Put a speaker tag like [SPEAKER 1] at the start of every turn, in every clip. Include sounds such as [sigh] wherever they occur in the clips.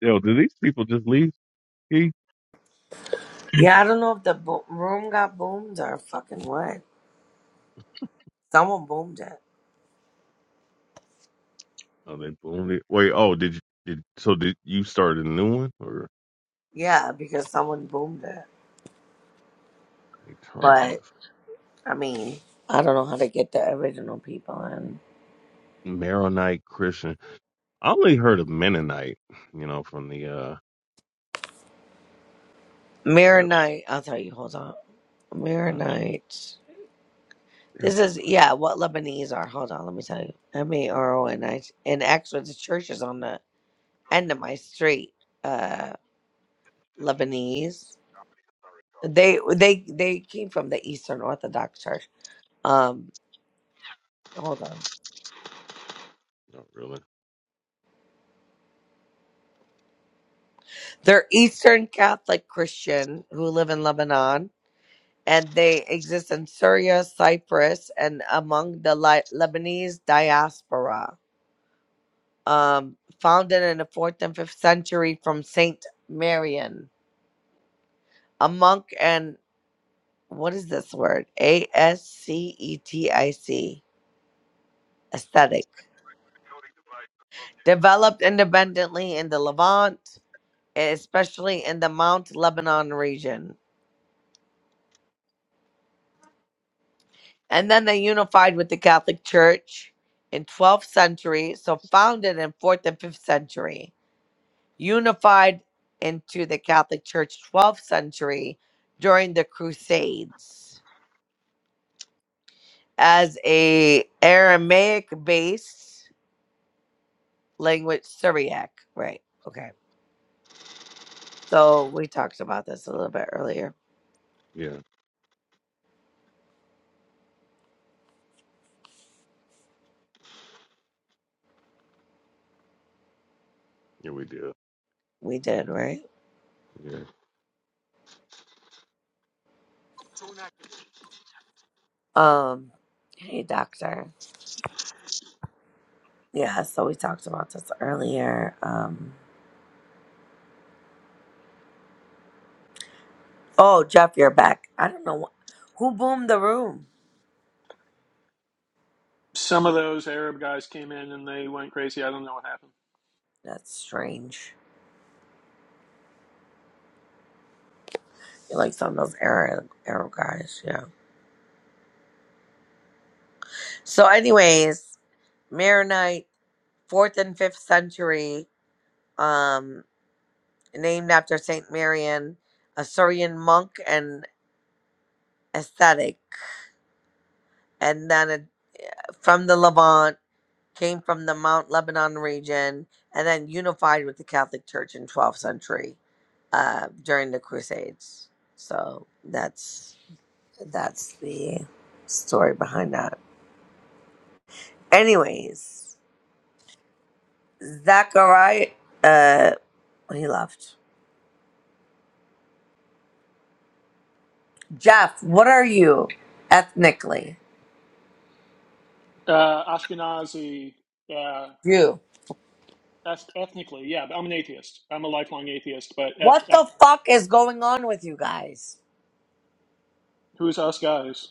[SPEAKER 1] Yo, do these people just leave? He?
[SPEAKER 2] Yeah, I don't know if the bo- room got boomed or fucking what. Someone boomed it.
[SPEAKER 1] Oh, they boomed it. Wait, oh, did you? Did so? Did you start a new one or
[SPEAKER 2] Yeah, because someone boomed it.
[SPEAKER 1] eternal?
[SPEAKER 2] But
[SPEAKER 1] difference?
[SPEAKER 2] I mean, I don't know how to get the original people in.
[SPEAKER 1] Maronite Christian. I only heard of Mennonite. You know, from the uh,
[SPEAKER 2] Mirror
[SPEAKER 1] that,
[SPEAKER 2] night. I'll tell you. Hold on. Mirror
[SPEAKER 1] uh,
[SPEAKER 2] night.
[SPEAKER 1] yeah,
[SPEAKER 2] This is yeah. What Lebanese are? Hold on. Let me tell you. M A R O N I. And actually, the church is on the end of my street. Uh, Lebanese. They they they came from the Eastern Orthodox Church. Um, hold on.
[SPEAKER 1] not really.
[SPEAKER 2] They're Eastern Catholic Christian who live in Lebanon, and they exist in Syria, Cyprus, and among the Li- Lebanese diaspora. Um, founded in the fourth and fifth century from Saint Marian, a monk, and what is this word? A S C E T I C aesthetic. Developed independently in the Levant, especially in the Mount Lebanon region. and then they unified with the Catholic Church in 12th century, so founded in 4th and 5th century, unified into the Catholic Church 12th century during the Crusades as a Aramaic based language Syriac, right? Okay. So we talked about this a little bit earlier.
[SPEAKER 1] Yeah, yeah, we did.
[SPEAKER 2] We did, right?
[SPEAKER 1] Yeah.
[SPEAKER 2] Um hey doctor. Yeah, so we talked about this earlier. Um Oh, Jeff, you're back. I don't know wh- who boomed the room.
[SPEAKER 3] some of those Arab guys came in and they went crazy. I don't know what happened.
[SPEAKER 2] That's strange. You like some of those Arab Arab guys, yeah. So, anyways, Maronite, fourth and fifth century, um, named after Saint Marian, a Syrian monk and ascetic, and then it, from the Levant came from the Mount Lebanon region, and then unified with the Catholic Church in 12th century uh, during the Crusades. So that's That's the story behind that. Anyways, Zachariah, uh, he left. Jeff, what are you ethnically?
[SPEAKER 3] Uh, Ashkenazi, uh,
[SPEAKER 2] Jew.
[SPEAKER 3] ethnically, yeah. I'm an atheist. I'm a lifelong atheist. But eth-
[SPEAKER 2] What
[SPEAKER 3] uh,
[SPEAKER 2] the fuck is going on with you guys?
[SPEAKER 3] who's us guys?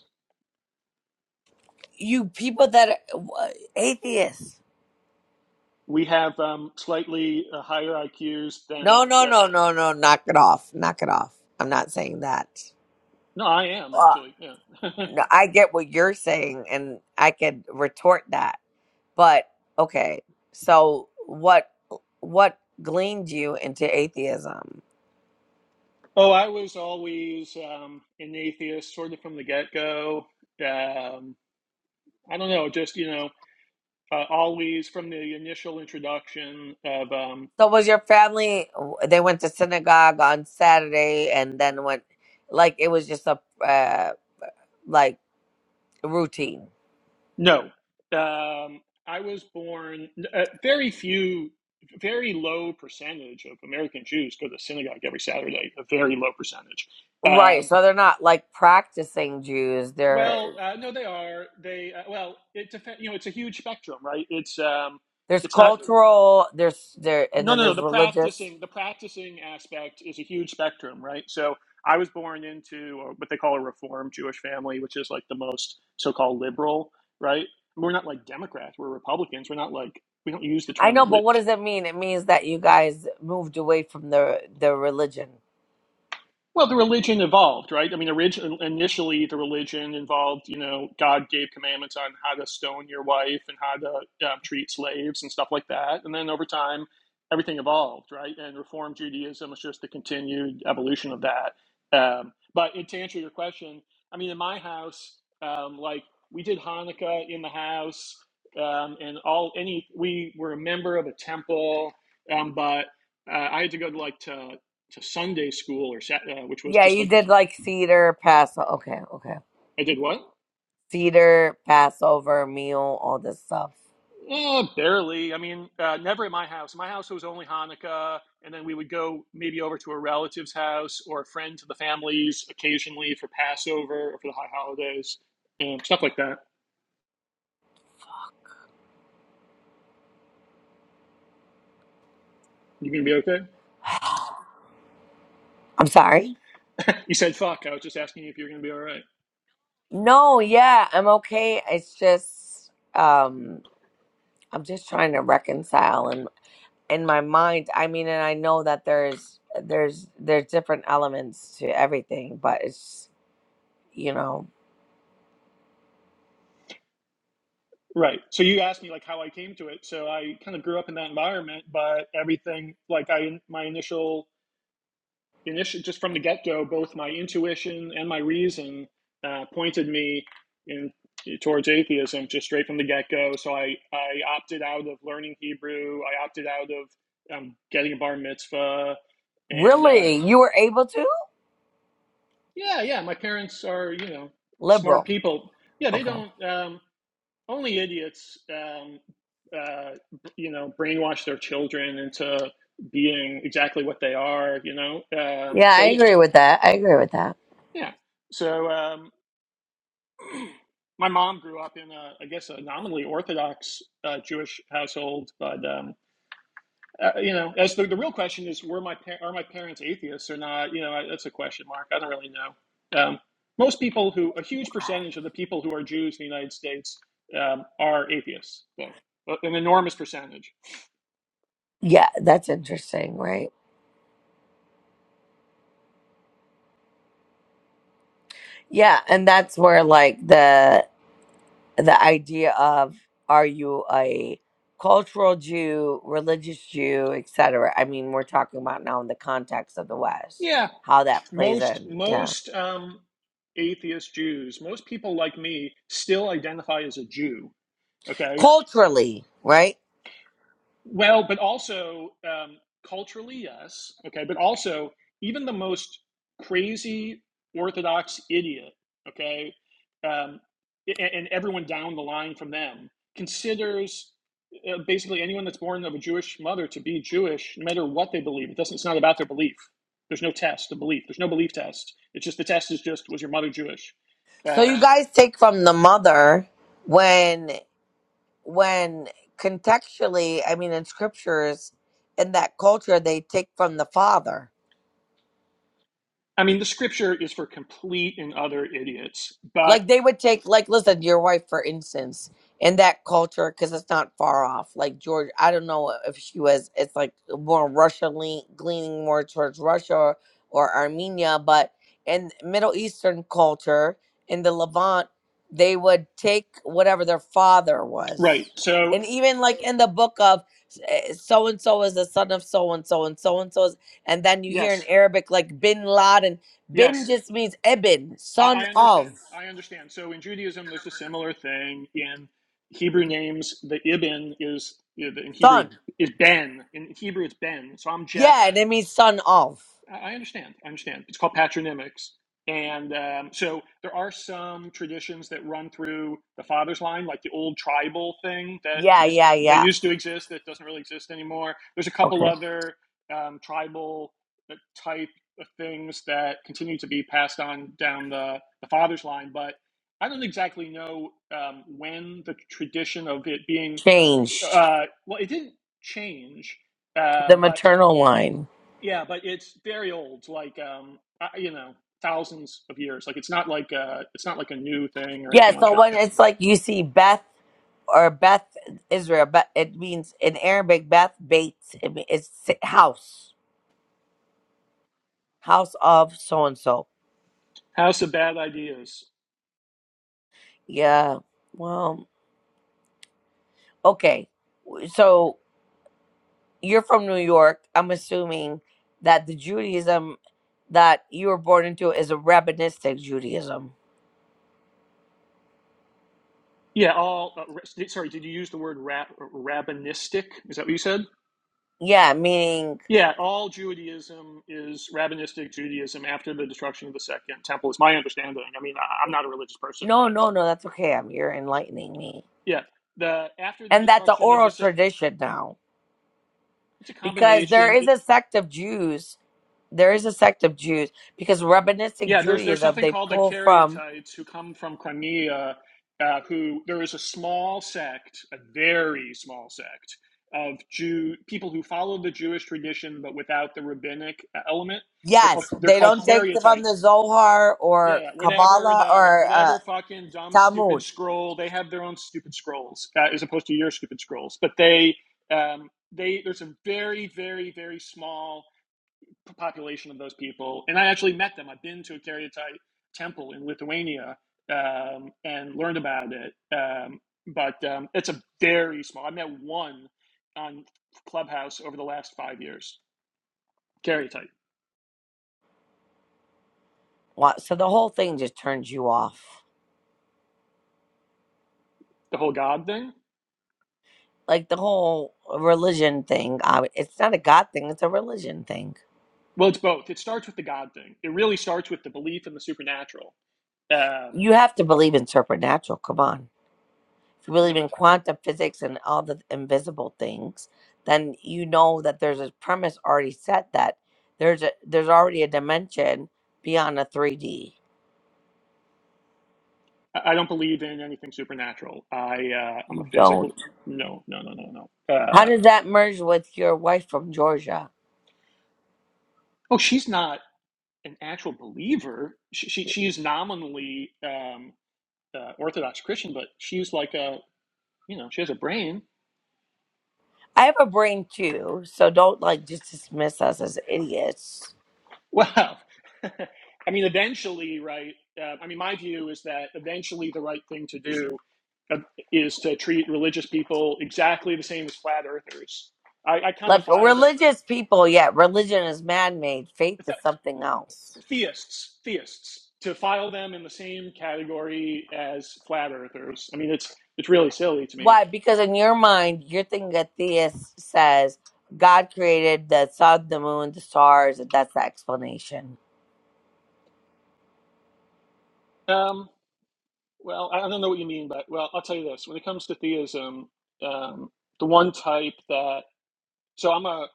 [SPEAKER 2] You people that are wha- atheists.
[SPEAKER 3] We have um, slightly uh, higher IQs
[SPEAKER 2] No,
[SPEAKER 3] than.
[SPEAKER 2] no,
[SPEAKER 3] Uh,
[SPEAKER 2] no, no, no. Knock it off. Knock it off. I'm not saying that.
[SPEAKER 3] no, I am
[SPEAKER 2] Well,
[SPEAKER 3] actually. Yeah. [laughs]
[SPEAKER 2] no, I get what you're saying, and I could retort that. But okay, so what what gleaned you into atheism?
[SPEAKER 3] oh, I was always um, an atheist, sort of from the get go. Um, I don't know, just you know, uh, always from the initial introduction of. Um,
[SPEAKER 2] So was your family they went to synagogue on Saturday and then went like it was just a uh, like routine.
[SPEAKER 3] No. Um, I was born, uh, very few, very low percentage of American Jews go to the synagogue every Saturday, a very low percentage.
[SPEAKER 2] Right,
[SPEAKER 3] Um,
[SPEAKER 2] so they're not like practicing Jews. They're
[SPEAKER 3] well, uh, no, they are. They, uh, well, it depends, you know, it's a huge spectrum, right? It's, um,
[SPEAKER 2] there's
[SPEAKER 3] it's not.
[SPEAKER 2] cultural, there's there and
[SPEAKER 3] No,
[SPEAKER 2] then
[SPEAKER 3] no, no.
[SPEAKER 2] there's
[SPEAKER 3] The
[SPEAKER 2] religious.
[SPEAKER 3] practicing, the practicing aspect is a huge spectrum, right? So I was born into uh, what they call a Reform Jewish family, which is like the most so-called liberal, right? We're not like Democrats. We're Republicans. We're not like we don't use the
[SPEAKER 2] I
[SPEAKER 3] term
[SPEAKER 2] know,
[SPEAKER 3] li-
[SPEAKER 2] but what does it mean? It means that you guys moved away from the the religion.
[SPEAKER 3] Well, the religion evolved, right? I mean, origin, initially the religion involved, you know, God gave commandments on how to stone your wife and how to um, treat slaves and stuff like that. And then over time, everything evolved, right? And Reform Judaism was just the continued evolution of that. Um, but to answer your question, I mean, in my house, um, like we did Hanukkah in the house, um, and all any we were a member of a temple, um, but uh, I had to go to like to to Sunday school or Sat- uh, which was
[SPEAKER 2] Yeah,
[SPEAKER 3] just
[SPEAKER 2] you
[SPEAKER 3] like
[SPEAKER 2] did like theater, pass. Okay, okay.
[SPEAKER 3] I did what?
[SPEAKER 2] Cedar, Passover, meal, all this stuff.
[SPEAKER 3] Uh, barely. I mean, uh, never at my house. My house was only Hanukkah, and then we would go maybe over to a relative's house or a friend to the families occasionally for Passover or for the high holidays, and stuff like that. You gonna be okay?
[SPEAKER 2] [sighs] I'm sorry.
[SPEAKER 3] [laughs] You said fuck. I was just asking you if you're gonna be all right.
[SPEAKER 2] No, yeah, I'm okay. It's just um I'm just trying to reconcile and in my mind, I mean, and I know that there's there's there's different elements to everything, but it's you know,
[SPEAKER 3] Right. So you asked me like how I came to it. So I kind of grew up in that environment, but everything like I my initial initially just from the get-go both my intuition and my reason uh, pointed me in towards atheism just straight from the get-go so i i opted out of learning hebrew i opted out of um, getting a bar mitzvah and uh,
[SPEAKER 2] really, you were able to?
[SPEAKER 3] yeah yeah my parents are you know smart
[SPEAKER 2] Liberal.
[SPEAKER 3] people yeah they
[SPEAKER 2] Okay.
[SPEAKER 3] don't um, only idiots um, uh, you know brainwash their children into being exactly what they are you know um,
[SPEAKER 2] Yeah,
[SPEAKER 3] so
[SPEAKER 2] I
[SPEAKER 3] yeah
[SPEAKER 2] agree with that. I agree with that.
[SPEAKER 3] yeah so um, my mom grew up in a, I guess, a nominally Orthodox uh, Jewish household, but um, uh, you know, as the, the real question is, were my par- are my parents atheists or not? You know, I, that's a question mark. I don't really know. Um, most people who, a huge percentage of the people who are Jews in the United States um, are atheists, though, an enormous percentage.
[SPEAKER 2] Yeah, that's interesting, right? Yeah, and that's where like the the idea of are you a cultural Jew, religious Jew, etc. I mean, we're talking about now in the context of the West,
[SPEAKER 3] Yeah,
[SPEAKER 2] how that plays
[SPEAKER 3] most
[SPEAKER 2] in. Yeah.
[SPEAKER 3] most um, atheist Jews, most people like me, still identify as a Jew. Okay,
[SPEAKER 2] Culturally, right?
[SPEAKER 3] Well, but also um, culturally, yes. Okay. But also, even the most crazy Orthodox idiot, okay, um, a- and, everyone down the line from them considers uh, basically anyone that's born of a Jewish mother to be Jewish, no matter what they believe. It doesn't. It's not about their belief. There's no test of belief. There's no belief test. It's just the test is just was your mother Jewish.
[SPEAKER 2] So you
[SPEAKER 3] Um,
[SPEAKER 2] guys take from the mother when when contextually, I mean in scriptures in that culture they take from the father
[SPEAKER 3] I mean, the scripture is for complete and utter idiots. But
[SPEAKER 2] Like they would take, like, listen, your wife, for instance, in that culture, because it's not far off. Like George, I don't know if she was. It's like more Russia lean, leaning more towards Russia or, or Armenia, but in Middle Eastern culture, in the Levant, they would take whatever their father
[SPEAKER 3] right.
[SPEAKER 2] was,
[SPEAKER 3] So
[SPEAKER 2] and even like in the book of so and so is the son of so and so and so and so is, and then you hear
[SPEAKER 3] yes,
[SPEAKER 2] in Arabic like Bin Laden. Bin
[SPEAKER 3] Yes,
[SPEAKER 2] just means Ibn,
[SPEAKER 3] I, I
[SPEAKER 2] son of.
[SPEAKER 3] understand. I understand. So in Judaism, there's a similar thing in Hebrew names. The Ibn is you know, in Hebrew
[SPEAKER 2] Son.
[SPEAKER 3] is Ben. In Hebrew, it's Ben. So I'm Jeff.
[SPEAKER 2] Yeah, and it means son of.
[SPEAKER 3] I understand. I understand. It's called patronymics. And um, so there are some traditions that run through the father's line, like the old tribal thing that
[SPEAKER 2] Yeah,
[SPEAKER 3] used
[SPEAKER 2] yeah,
[SPEAKER 3] that
[SPEAKER 2] yeah.
[SPEAKER 3] used to exist that doesn't really exist anymore. There's a couple
[SPEAKER 2] Okay.
[SPEAKER 3] other um, tribal uh, type of things that continue to be passed on down the, the father's line, but I don't exactly know um, when the tradition of it being
[SPEAKER 2] Changed
[SPEAKER 3] uh, well, it didn't change, uh,
[SPEAKER 2] the
[SPEAKER 3] but
[SPEAKER 2] maternal line.
[SPEAKER 3] yeah, but it's very old, like um, I, you know, thousands of years. Like it's not like uh, it's not like a new thing or
[SPEAKER 2] Yeah,
[SPEAKER 3] anything like
[SPEAKER 2] so
[SPEAKER 3] that.
[SPEAKER 2] when it's like you see Beth or Beth Israel, but it means in Arabic Beth Bates. It means it's si- house, house of so and so.
[SPEAKER 3] House of Bad Ideas.
[SPEAKER 2] Yeah. Well, okay. So you're from New York. I'm assuming that the Judaism that you were born into is a rabbinic Judaism.
[SPEAKER 3] Yeah, all. Uh, ra- sorry, did you use the word ra- rabbinistic? Is that what you said?
[SPEAKER 2] Yeah, meaning
[SPEAKER 3] Yeah, all Judaism is rabbinistic Judaism after the destruction of the Second Temple. Is my understanding. I mean, I, I'm not a religious person,
[SPEAKER 2] No,
[SPEAKER 3] but
[SPEAKER 2] no, no, that's okay. I'm you're enlightening me.
[SPEAKER 3] yeah, the after the
[SPEAKER 2] And that's an
[SPEAKER 3] destruction of the
[SPEAKER 2] oral
[SPEAKER 3] Se-
[SPEAKER 2] tradition now.
[SPEAKER 3] it's a
[SPEAKER 2] Because there
[SPEAKER 3] combination. It,
[SPEAKER 2] is a sect of Jews. There is a sect of Jews. Because Rabbinistic
[SPEAKER 3] Yeah, there's there's
[SPEAKER 2] Judaism,
[SPEAKER 3] something
[SPEAKER 2] they
[SPEAKER 3] called the
[SPEAKER 2] pull from
[SPEAKER 3] Caryatites who come from Crimea. Uh, who there is a small sect, a very small sect of Jew people who follow the Jewish tradition but without the rabbinic e, element. They're called
[SPEAKER 2] yes,
[SPEAKER 3] they're
[SPEAKER 2] they
[SPEAKER 3] called
[SPEAKER 2] don't take from
[SPEAKER 3] Caryatites.
[SPEAKER 2] the Zohar
[SPEAKER 3] Yeah,
[SPEAKER 2] or
[SPEAKER 3] yeah, whatever
[SPEAKER 2] Kabbalah
[SPEAKER 3] the
[SPEAKER 2] or uh,
[SPEAKER 3] whatever fucking dumb stupid
[SPEAKER 2] Talmud.
[SPEAKER 3] scroll they have their own stupid scrolls uh, as opposed to your stupid scrolls. But they um, they there's a very very very small population of those people. And I actually met them. I've been to a Caryatide temple in Lithuania um, and learned about it. Um, but um, it's a very small. I met one on Clubhouse over the last five years. Caryatide,
[SPEAKER 2] Wa- So the whole thing just turns you off.
[SPEAKER 3] the whole God thing.
[SPEAKER 2] Like the whole religion thing. I, it's not a God thing, it's a religion thing.
[SPEAKER 3] Well, it's both. It starts with the God thing. It really starts with the belief in the supernatural. Um,
[SPEAKER 2] You have to believe in supernatural. Come on. if you
[SPEAKER 3] no,
[SPEAKER 2] believe in quantum physics and all the invisible things, then you know that there's a premise already set that there's a there's already a dimension beyond a 3D.
[SPEAKER 3] I I don't believe in anything supernatural. I uh, I'm a
[SPEAKER 2] You don't.
[SPEAKER 3] physical. No, no, no, no, no.
[SPEAKER 2] How
[SPEAKER 3] Uh,
[SPEAKER 2] does that merge with your wife from Georgia?
[SPEAKER 3] oh, she's not. an actual believer. She, she, she is nominally um, uh, Orthodox Christian, but she's like a, you know, she has a brain.
[SPEAKER 2] I have a brain too, so don't like just dismiss us as idiots.
[SPEAKER 3] Well, [laughs] I mean, eventually, right? Uh, I mean, my view is that eventually the right thing to do uh, is to treat religious people exactly the same as flat earthers. I, I kind of
[SPEAKER 2] Like
[SPEAKER 3] file them,
[SPEAKER 2] religious people, yeah, religion is man made. Faith
[SPEAKER 3] it's
[SPEAKER 2] is
[SPEAKER 3] that,
[SPEAKER 2] something else.
[SPEAKER 3] theists, theists, to file them in the same category as flat earthers. I mean, it's it's really silly to me.
[SPEAKER 2] Why? Because in your mind, you're thinking that theist says God created the sun, the moon, the stars, and that's the explanation.
[SPEAKER 3] Um, Well, I I don't know what you mean but well, I'll tell you this. When it comes to theism, um, the one type that, so I'm a,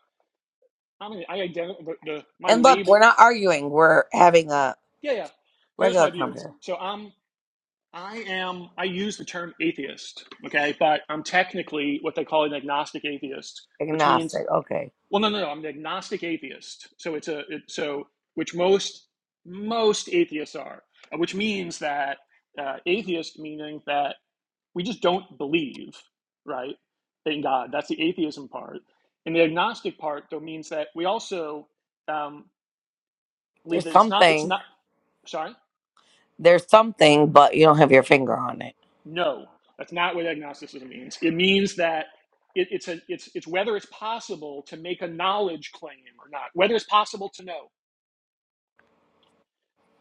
[SPEAKER 3] I'm an, I identify, the, the, my
[SPEAKER 2] And look, we're
[SPEAKER 3] label,
[SPEAKER 2] not arguing. We're having a
[SPEAKER 3] yeah, yeah. Here's
[SPEAKER 2] regular
[SPEAKER 3] my view.
[SPEAKER 2] conversation.
[SPEAKER 3] So I'm, I am, I use the term atheist, okay, but I'm technically what they call an agnostic atheist, which means,
[SPEAKER 2] Agnostic. Okay.
[SPEAKER 3] well, no, no, no, I'm an agnostic atheist. So it's a, it, so, which most, most atheists are, uh, which means that uh, atheist meaning that we just don't believe, right, in God. That's the atheism part. And the agnostic part, though, means that we also um, believe
[SPEAKER 2] There's
[SPEAKER 3] that it's not, it's
[SPEAKER 2] something.
[SPEAKER 3] not, sorry,
[SPEAKER 2] There's something, but you don't have your finger on it.
[SPEAKER 3] no, that's not what agnosticism means. It means that it, it's, a, it's, it's whether it's possible to make a knowledge claim or not, whether it's possible to know,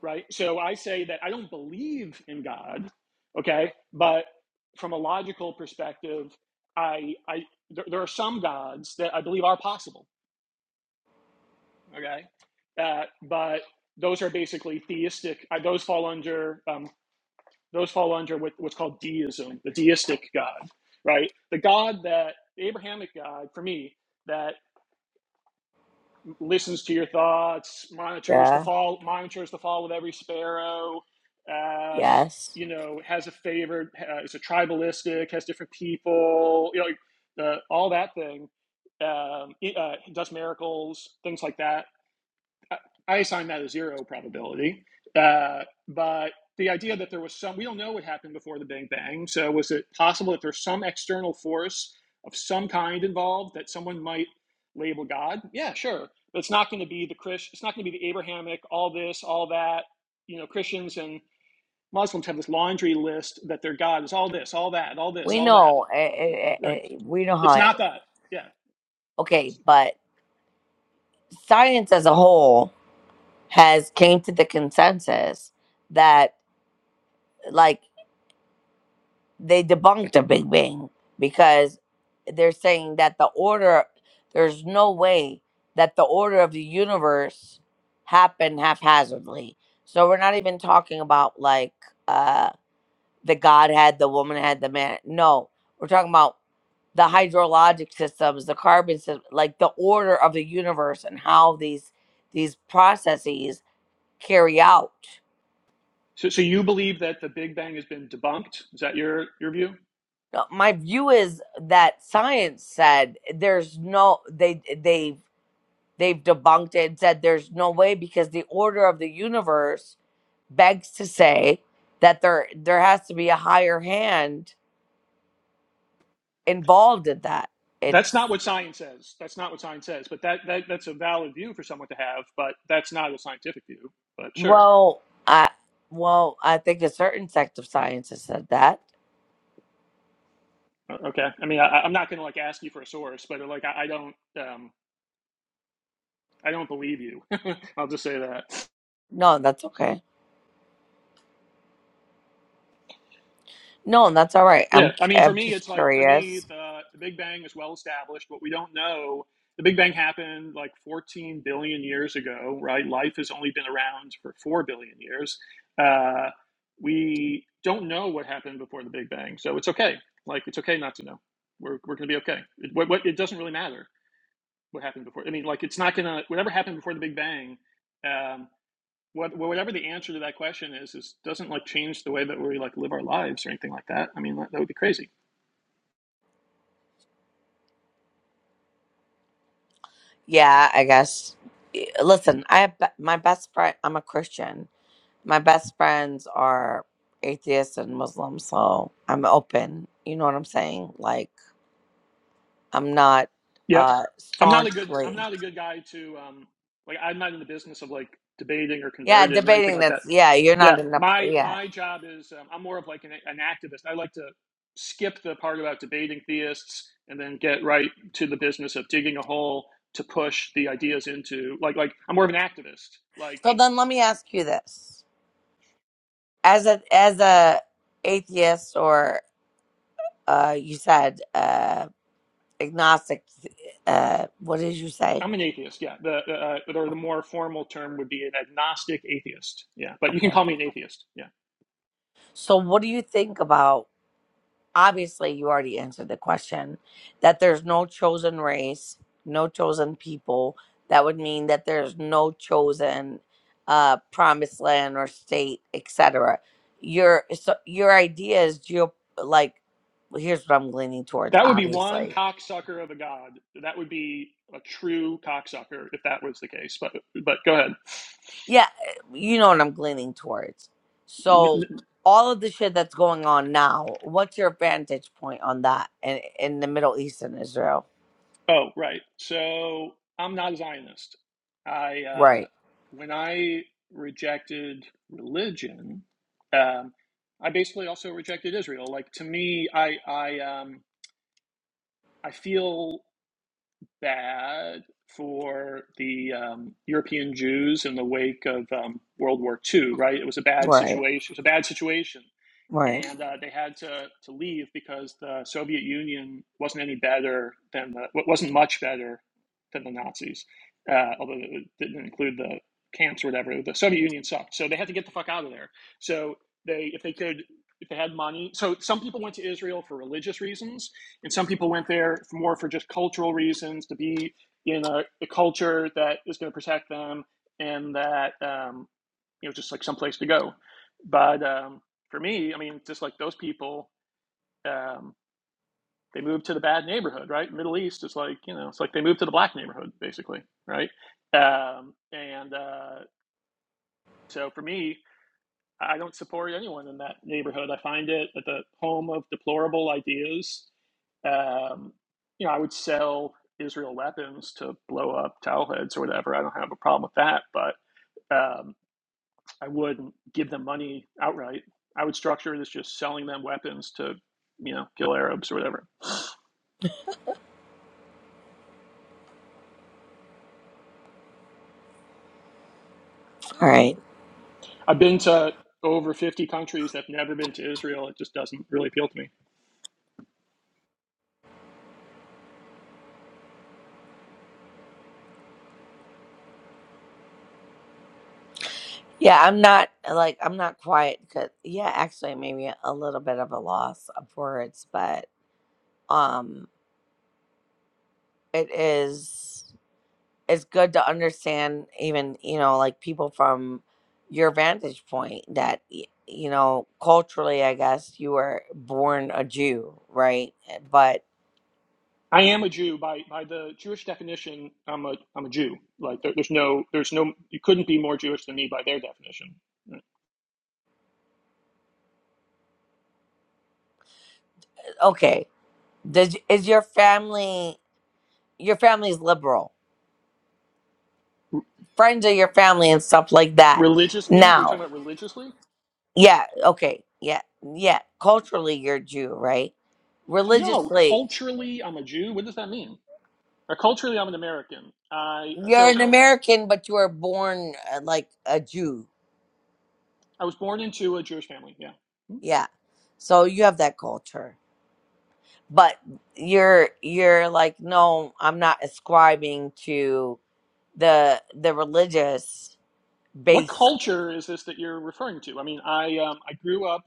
[SPEAKER 3] right? So I say that I don't believe in God, okay, but from a logical perspective, I, I there, there are some gods that I believe are possible okay uh, but those are basically theistic uh, those fall under um, those fall under what, what's called deism the deistic god right the god that the abrahamic god for me that listens to your thoughts monitors the
[SPEAKER 2] Yeah.
[SPEAKER 3] fall monitors the fall of every sparrow um,
[SPEAKER 2] Yes.
[SPEAKER 3] you know has a favored uh, is a tribalistic has different people you know uh, all that thing um, it, uh, does miracles things like that I assign that a zero probability. Uh, but the idea that there was some, we don't know what happened before the Big Bang. So was it possible that there's some external force of some kind involved that someone might label God? Yeah, sure. But it's not going to be the Chris, it's not going to be the Abrahamic, all this, all that. You know, Christians and Muslims have this laundry list that their God is all this, all that, all this,
[SPEAKER 2] We
[SPEAKER 3] all that.
[SPEAKER 2] know. eh, eh, eh,
[SPEAKER 3] Right.
[SPEAKER 2] eh, we know how.
[SPEAKER 3] It's
[SPEAKER 2] It,
[SPEAKER 3] not that. Yeah.
[SPEAKER 2] okay, but science as a whole has came to the consensus that like they debunked the Big Bang because they're saying that the order there's no way that the order of the universe happened haphazardly. So we're not even talking about like uh, the Godhead, the womanhead, the man. No, we're talking about the hydrologic systems, the carbon system, like the order of the universe and how these these processes carry out.
[SPEAKER 3] So, so you believe that the Big Bang has been debunked? Is that your your view?
[SPEAKER 2] Uh, My view is that science said there's no they they they've debunked it and said there's no way because the order of the universe begs to say that there there has to be a higher hand involved in that. It's
[SPEAKER 3] That's not what science says. That's not what science says. But that, that that's a valid view for someone to have. But that's not a scientific view. But sure,
[SPEAKER 2] Well, I well, I think a certain sect of science has said that.
[SPEAKER 3] okay. I mean, I, I'm not going to like ask you for a source, but like I, I don't, um, I don't believe you. [laughs] I'll just say that.
[SPEAKER 2] No, that's okay. No, that's all right. I'm
[SPEAKER 3] Yeah,
[SPEAKER 2] cu-
[SPEAKER 3] I mean, for
[SPEAKER 2] I'm
[SPEAKER 3] me,
[SPEAKER 2] just
[SPEAKER 3] it's like for me,
[SPEAKER 2] curious.
[SPEAKER 3] the the Big Bang is well established. What we don't know, the Big Bang happened like 14 billion years ago, right? Life has only been around for four billion years. Uh, we don't know what happened before the Big Bang, so it's okay. Like it's okay not to know. We're we're gonna be okay. It, what, what it doesn't really matter what happened before. I mean, like it's not gonna whatever happened before the Big Bang. Um, what, whatever the answer to that question is, is doesn't like change the way that we like live our lives or anything like that. I mean, that, that would be crazy.
[SPEAKER 2] Yeah, I guess. Eh, Listen, I have be- my best friend. I'm a Christian. My best friends are atheists and Muslims, so I'm open. You know what I'm saying? Like I'm not
[SPEAKER 3] Yep.
[SPEAKER 2] uh
[SPEAKER 3] I'm not a good I'm
[SPEAKER 2] staunchly.
[SPEAKER 3] not a good guy to um like I'm not in the business of like debating or
[SPEAKER 2] Yeah,
[SPEAKER 3] converting or anything
[SPEAKER 2] debating
[SPEAKER 3] like that.
[SPEAKER 2] that's yeah. You're not
[SPEAKER 3] Yeah,
[SPEAKER 2] enough.
[SPEAKER 3] my
[SPEAKER 2] Yeah.
[SPEAKER 3] my job is um, I'm more of like an, an activist. I like to skip the part about debating theists and then get right to the business of digging a hole to push the ideas into like like I'm more of an activist. Like
[SPEAKER 2] So then, let me ask you this. as a as a atheist or uh you said uh agnostic uh what did you say
[SPEAKER 3] I'm an atheist. Yeah, the uh, or the more formal term would be an agnostic atheist. Yeah, but you
[SPEAKER 2] okay
[SPEAKER 3] can call me an atheist. Yeah.
[SPEAKER 2] so what do you think about obviously you already answered the question that there's no chosen race no chosen people that would mean that there's no chosen uh promised land or state etc your so your idea is geo like here's what i'm leaning towards
[SPEAKER 3] That would be one
[SPEAKER 2] obviously
[SPEAKER 3] cocksucker of a god. That would be a true cocksucker if that was the case. But but go ahead.
[SPEAKER 2] Yeah, you know what I'm leaning towards. So all of the shit that's going on now, what's your vantage point on that in, in the Middle East and Israel?
[SPEAKER 3] Oh right. So I'm not a Zionist. I uh,
[SPEAKER 2] Right,
[SPEAKER 3] when I rejected religion, um, I basically also rejected Israel. Like to me, I I um, I feel bad for the um, European Jews in the wake of um, World War II. Right, it was a bad
[SPEAKER 2] right,
[SPEAKER 3] situation. It was a bad situation
[SPEAKER 2] right.
[SPEAKER 3] and uh, they had to, to leave because the Soviet Union wasn't any better than the wasn't much better than the Nazis, uh, although it didn't include the camps or whatever. The Soviet Union sucked, so they had to get the fuck out of there. So they, if they could, if they had money, so some people went to Israel for religious reasons, and some people went there for more for just cultural reasons to be in a, a culture that is going to protect them and that. um, you know just like someplace to go but um, for me i mean just like those people um, they moved to the bad neighborhood right middle east is like you know it's like they moved to the black neighborhood basically right um, and uh, so for me i don't support anyone in that neighborhood i find it at the home of deplorable ideas um, you know i would sell israel weapons to blow up towel heads or whatever i don't have a problem with that but um, I would give them money outright. I would structure it as just selling them weapons to, you know, kill Arabs or whatever.
[SPEAKER 2] right.
[SPEAKER 3] I've been to over 50 countries. I've never been to Israel. It just doesn't really appeal to me.
[SPEAKER 2] Yeah, I'm not like I'm not quiet because yeah, actually maybe a little bit of a loss of words, but um, it is. it's good to understand even you know like people from your vantage point that y- you know culturally i guess you were born a jew right Eh, but
[SPEAKER 3] I am a Jew by, by the Jewish definition. I'm a I'm a Jew. Like there, there's no there's no you couldn't be more Jewish than me by their definition.
[SPEAKER 2] okay does is your family your family's liberal
[SPEAKER 3] R-
[SPEAKER 2] friends of your family and stuff like that
[SPEAKER 3] religiously, you're
[SPEAKER 2] now
[SPEAKER 3] talking about religiously?
[SPEAKER 2] yeah okay yeah yeah culturally you're jew right
[SPEAKER 3] No,
[SPEAKER 2] religiously
[SPEAKER 3] culturally, I'm a Jew. What does that mean? Uh, culturally, I'm an American. I
[SPEAKER 2] you're
[SPEAKER 3] so
[SPEAKER 2] an american but you were born uh, like a jew
[SPEAKER 3] I was born into a Jewish family. Yeah. Hmm?
[SPEAKER 2] yeah so you have that culture but you're you're like no i'm not ascribing to the the religious
[SPEAKER 3] What
[SPEAKER 2] base
[SPEAKER 3] culture is this that you're referring to? I mean, I um, I grew up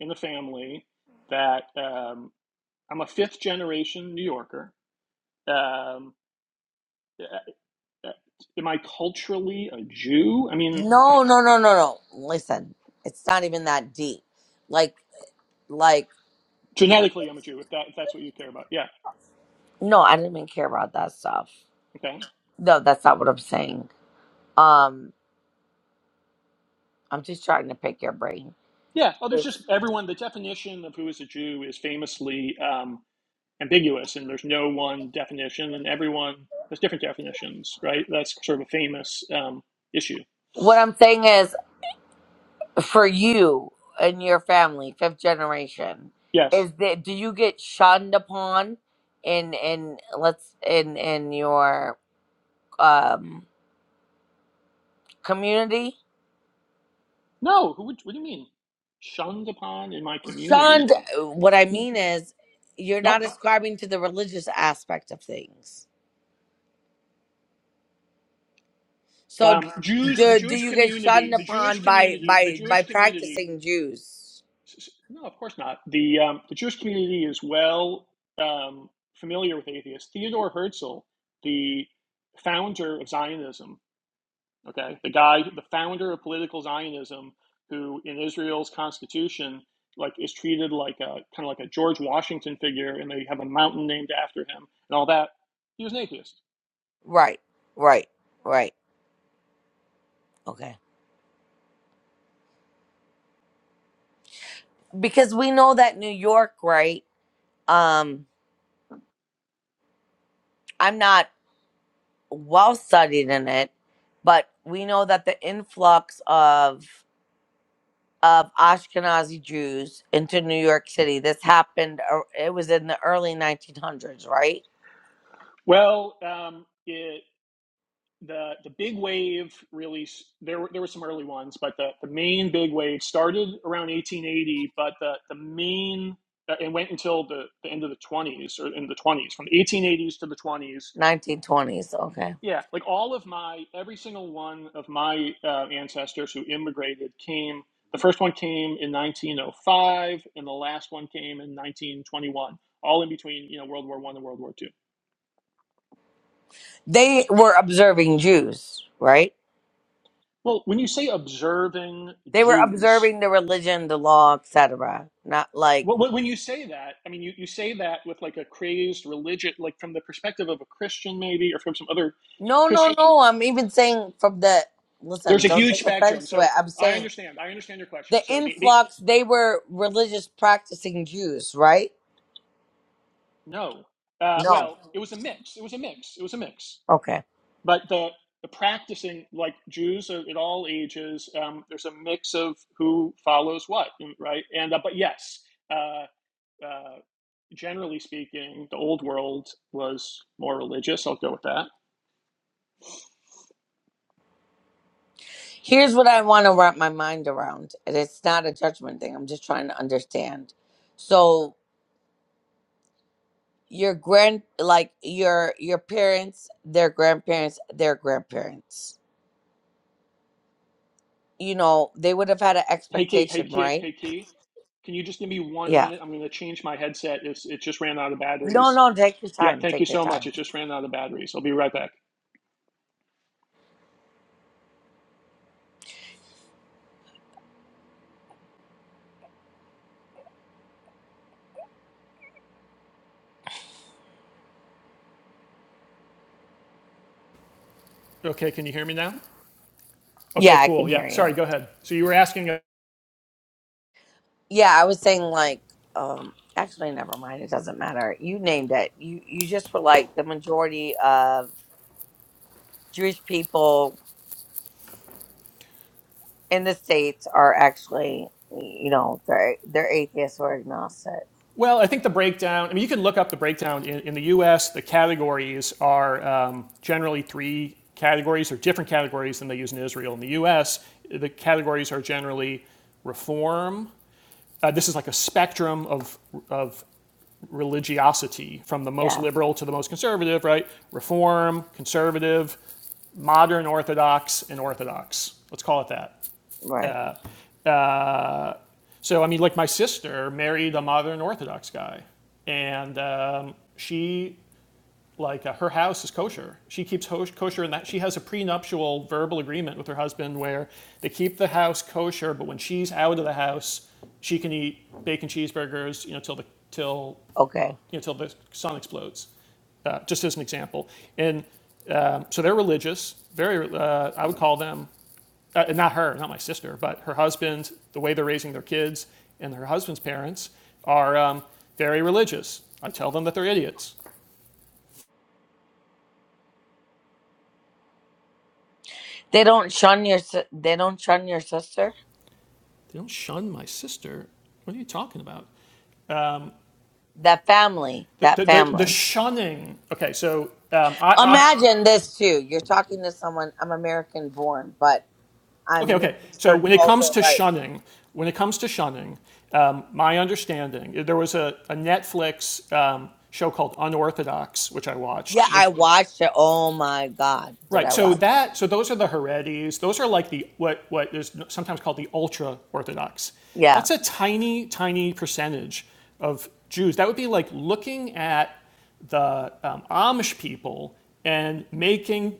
[SPEAKER 3] in a family that um, I'm a fifth generation New Yorker. Um, uh, am I culturally a Jew? I mean,
[SPEAKER 2] no no no no no listen it's not even that deep like like
[SPEAKER 3] genetically, I'm a Jew. If that if that's what you care about, yeah,
[SPEAKER 2] no i didn't even care about that stuff
[SPEAKER 3] okay,
[SPEAKER 2] no that's not what i'm saying um i'm just trying to pick your brain
[SPEAKER 3] yeah. Oh, there's just everyone. The definition of who is a Jew is famously um, ambiguous, and there's no one definition, and everyone has different definitions, right? That's sort of a famous um, issue.
[SPEAKER 2] what i'm saying is for you and your family, fifth generation,
[SPEAKER 3] Yes.
[SPEAKER 2] is that do you get shunned upon in in let's in in your um community?
[SPEAKER 3] No, who would, what do you mean? Shunned upon in my community.
[SPEAKER 2] Shunned. What I mean is, you're not
[SPEAKER 3] Not
[SPEAKER 2] ascribing to the religious aspect of things. So
[SPEAKER 3] um, Jews, the
[SPEAKER 2] do do
[SPEAKER 3] Jewish
[SPEAKER 2] you get
[SPEAKER 3] community,
[SPEAKER 2] shunned
[SPEAKER 3] the Jewish
[SPEAKER 2] upon by
[SPEAKER 3] community, the
[SPEAKER 2] by by
[SPEAKER 3] Jewish community.
[SPEAKER 2] practicing Jews?
[SPEAKER 3] No, of course not. The, um, the Jewish community is well um, familiar with atheists. Theodore Herzl, the founder of Zionism, Okay, the guy, the founder of political Zionism, who in Israel's constitution like is treated like a kind of like a George Washington figure, and they have a mountain named after him and all that. He was an atheist.
[SPEAKER 2] Right. Right. Right. Okay. Because we know that New York, right? Um, I'm not. well studied in it, but we know that the influx of of Ashkenazi Jews into New York City this happened ar- it was in the early 1900s, right?
[SPEAKER 3] Well, um, it, the the big wave really there were there were some early ones, but the, the main big wave started around 1880, but the the main uh, it went until the, the end of the 20s or in the 20s from the 1880s to the 20s
[SPEAKER 2] 1920s. Okay.
[SPEAKER 3] Yeah, like all of my, every single one of my uh, ancestors who immigrated came, the first one came in 1905 and the last one came in 1921, all in between, you know, World War One and World War Two.
[SPEAKER 2] They were observing Jews, right?
[SPEAKER 3] Well, when you say observing
[SPEAKER 2] They were
[SPEAKER 3] Jews,
[SPEAKER 2] observing the religion, the law, etc. Not like
[SPEAKER 3] well, when you say that, I mean, you, you say that with like a crazed religion, like from the perspective of a Christian maybe, or from some other
[SPEAKER 2] No, no,
[SPEAKER 3] Christian.
[SPEAKER 2] no. I'm even saying from the listen,
[SPEAKER 3] There's a
[SPEAKER 2] don't
[SPEAKER 3] huge
[SPEAKER 2] take
[SPEAKER 3] spectrum.
[SPEAKER 2] offense to it.
[SPEAKER 3] So
[SPEAKER 2] I'm
[SPEAKER 3] I
[SPEAKER 2] saying
[SPEAKER 3] understand. I understand your
[SPEAKER 2] the
[SPEAKER 3] question. So the, the
[SPEAKER 2] influx, they were religious practicing Jews, right?
[SPEAKER 3] No. Uh,
[SPEAKER 2] No.
[SPEAKER 3] well, it was a mix. It was a mix. It was a mix.
[SPEAKER 2] Okay.
[SPEAKER 3] But the the practicing, like Jews at all ages, um, there's a mix of who follows what, mm, right? And uh, but yes, uh, uh, generally speaking, the old world was more religious. I'll go with that.
[SPEAKER 2] Here's what I want to wrap my mind around. And it's not a judgment thing. I'm just trying to understand. So your grand like your your parents, their grandparents, their grandparents. You know, they would have had an
[SPEAKER 3] Hey, Kate. Hey,
[SPEAKER 2] expectation,
[SPEAKER 3] Kate.
[SPEAKER 2] right?
[SPEAKER 3] Hey, Kate. Can you just give me one
[SPEAKER 2] Yeah.
[SPEAKER 3] minute? I'm going to change my headset. It's, it just ran out of
[SPEAKER 2] No,
[SPEAKER 3] batteries.
[SPEAKER 2] no, take your
[SPEAKER 3] Yeah,
[SPEAKER 2] time.
[SPEAKER 3] thank you
[SPEAKER 2] Take your
[SPEAKER 3] so much.
[SPEAKER 2] time.
[SPEAKER 3] It just ran out of batteries. I'll be right back. Okay, can you hear me now? Okay,
[SPEAKER 2] Yeah, I can
[SPEAKER 3] cool.
[SPEAKER 2] hear
[SPEAKER 3] Yeah, sorry,
[SPEAKER 2] you.
[SPEAKER 3] go ahead. So you were asking, uh,
[SPEAKER 2] Yeah, I was saying like, um actually never mind, it doesn't matter. You named it. You you just were like the majority of Jewish people in the states are actually you know they're they're atheists or agnostic
[SPEAKER 3] well, I think the breakdown, I mean, you can look up the breakdown. In, in the US, the categories are um, generally three categories or different categories than they use in Israel. In the US, the categories are generally reform. Uh, this is like a spectrum of, of religiosity from the most
[SPEAKER 2] yeah
[SPEAKER 3] liberal to the most conservative, right? Reform, conservative, modern Orthodox, and Orthodox. Let's call it that.
[SPEAKER 2] right
[SPEAKER 3] Uh, so, I mean, like my sister married a modern Orthodox guy, and um, she like uh, her house is kosher. She keeps ho- kosher in that she has a prenuptial verbal agreement with her husband where they keep the house kosher, but when she's out of the house, she can eat bacon cheeseburgers, you know, till the till
[SPEAKER 2] okay
[SPEAKER 3] you know, till the sun explodes, uh, just as an example. And um, so they're religious, very, uh, I would call them, uh, not her, not my sister, but her husband, the way they're raising their kids, and her husband's parents are um, very religious. I tell them that they're idiots.
[SPEAKER 2] they don't shun your si- they don't shun your sister
[SPEAKER 3] They don't shun my sister. What are you talking about?
[SPEAKER 2] that family
[SPEAKER 3] The,
[SPEAKER 2] that
[SPEAKER 3] the, the, the
[SPEAKER 2] family
[SPEAKER 3] shunning. Okay, so um, I, I,
[SPEAKER 2] imagine this too you're talking to someone i'm american born but i'm
[SPEAKER 3] Okay,
[SPEAKER 2] middle
[SPEAKER 3] okay. So
[SPEAKER 2] eastern
[SPEAKER 3] when it comes
[SPEAKER 2] culture
[SPEAKER 3] to
[SPEAKER 2] right
[SPEAKER 3] shunning, when it comes to shunning, um, my understanding there was a, a Netflix um, show called Unorthodox, which I watched,
[SPEAKER 2] yeah i
[SPEAKER 3] which
[SPEAKER 2] watched it oh my god did
[SPEAKER 3] Right.
[SPEAKER 2] i
[SPEAKER 3] So
[SPEAKER 2] watch
[SPEAKER 3] that so those are the heredis. Those are like the what what is sometimes called the ultra orthodox.
[SPEAKER 2] it yeah
[SPEAKER 3] That's a tiny tiny percentage of Jews. That would be like looking at the um, Amish people and making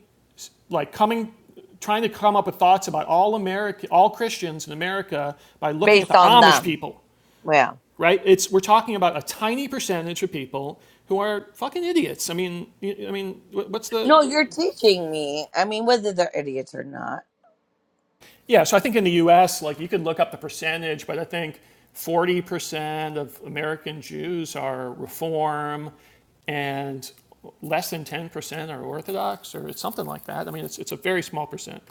[SPEAKER 3] like coming trying to come up with thoughts about all America all Christians in America by looking at
[SPEAKER 2] based
[SPEAKER 3] the
[SPEAKER 2] on
[SPEAKER 3] Amish
[SPEAKER 2] them
[SPEAKER 3] people.
[SPEAKER 2] yeah
[SPEAKER 3] Right? It's we're talking about a tiny percentage of people who are fucking idiots. I mean, I mean, what's the
[SPEAKER 2] no you're teaching me i mean whether they're idiots or not
[SPEAKER 3] Yeah, so I think in the U.S., like you could look up the percentage, but I think 40% of American Jews are Reform, and less than 10% are Orthodox, or it's something like that. I mean, it's, it's a very small percent.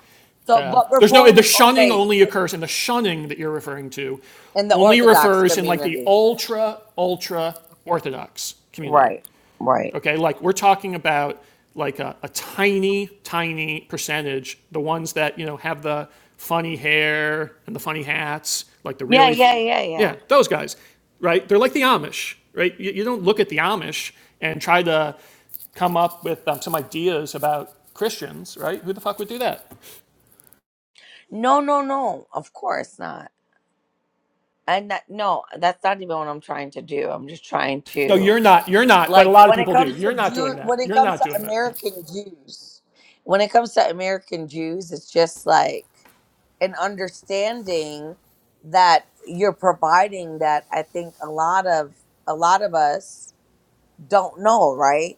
[SPEAKER 2] so
[SPEAKER 3] Uh,
[SPEAKER 2] but
[SPEAKER 3] there's no
[SPEAKER 2] reform
[SPEAKER 3] the shunning
[SPEAKER 2] okay
[SPEAKER 3] only occurs, and the shunning that you're referring to
[SPEAKER 2] in the
[SPEAKER 3] only
[SPEAKER 2] Orthodox
[SPEAKER 3] refers in like the
[SPEAKER 2] community.
[SPEAKER 3] ultra ultra Orthodox community.
[SPEAKER 2] Right, right.
[SPEAKER 3] Okay, like we're talking about like a, a tiny, tiny percentage, the ones that, you know, have the funny hair and the funny hats, like the
[SPEAKER 2] Yeah,
[SPEAKER 3] really, f-
[SPEAKER 2] yeah, yeah, yeah.
[SPEAKER 3] yeah, those guys, right? They're like the Amish, right? You, you don't look at the Amish and try to come up with um, some ideas about Christians, right? Who the fuck would do that?
[SPEAKER 2] No, no, no. Of course not. And that, no, that's not even what I'm trying to do. I'm just trying
[SPEAKER 3] No,
[SPEAKER 2] to
[SPEAKER 3] you're not, you're not, but a
[SPEAKER 2] like
[SPEAKER 3] lot of
[SPEAKER 2] when it
[SPEAKER 3] people do.
[SPEAKER 2] comes to
[SPEAKER 3] You're not
[SPEAKER 2] Jew,
[SPEAKER 3] doing that.
[SPEAKER 2] when it
[SPEAKER 3] You're
[SPEAKER 2] comes
[SPEAKER 3] not
[SPEAKER 2] to
[SPEAKER 3] doing that. Yeah.
[SPEAKER 2] American Jews, when it comes to American Jews, it's just like an understanding that you're providing that I think a lot of a lot of us don't know, right?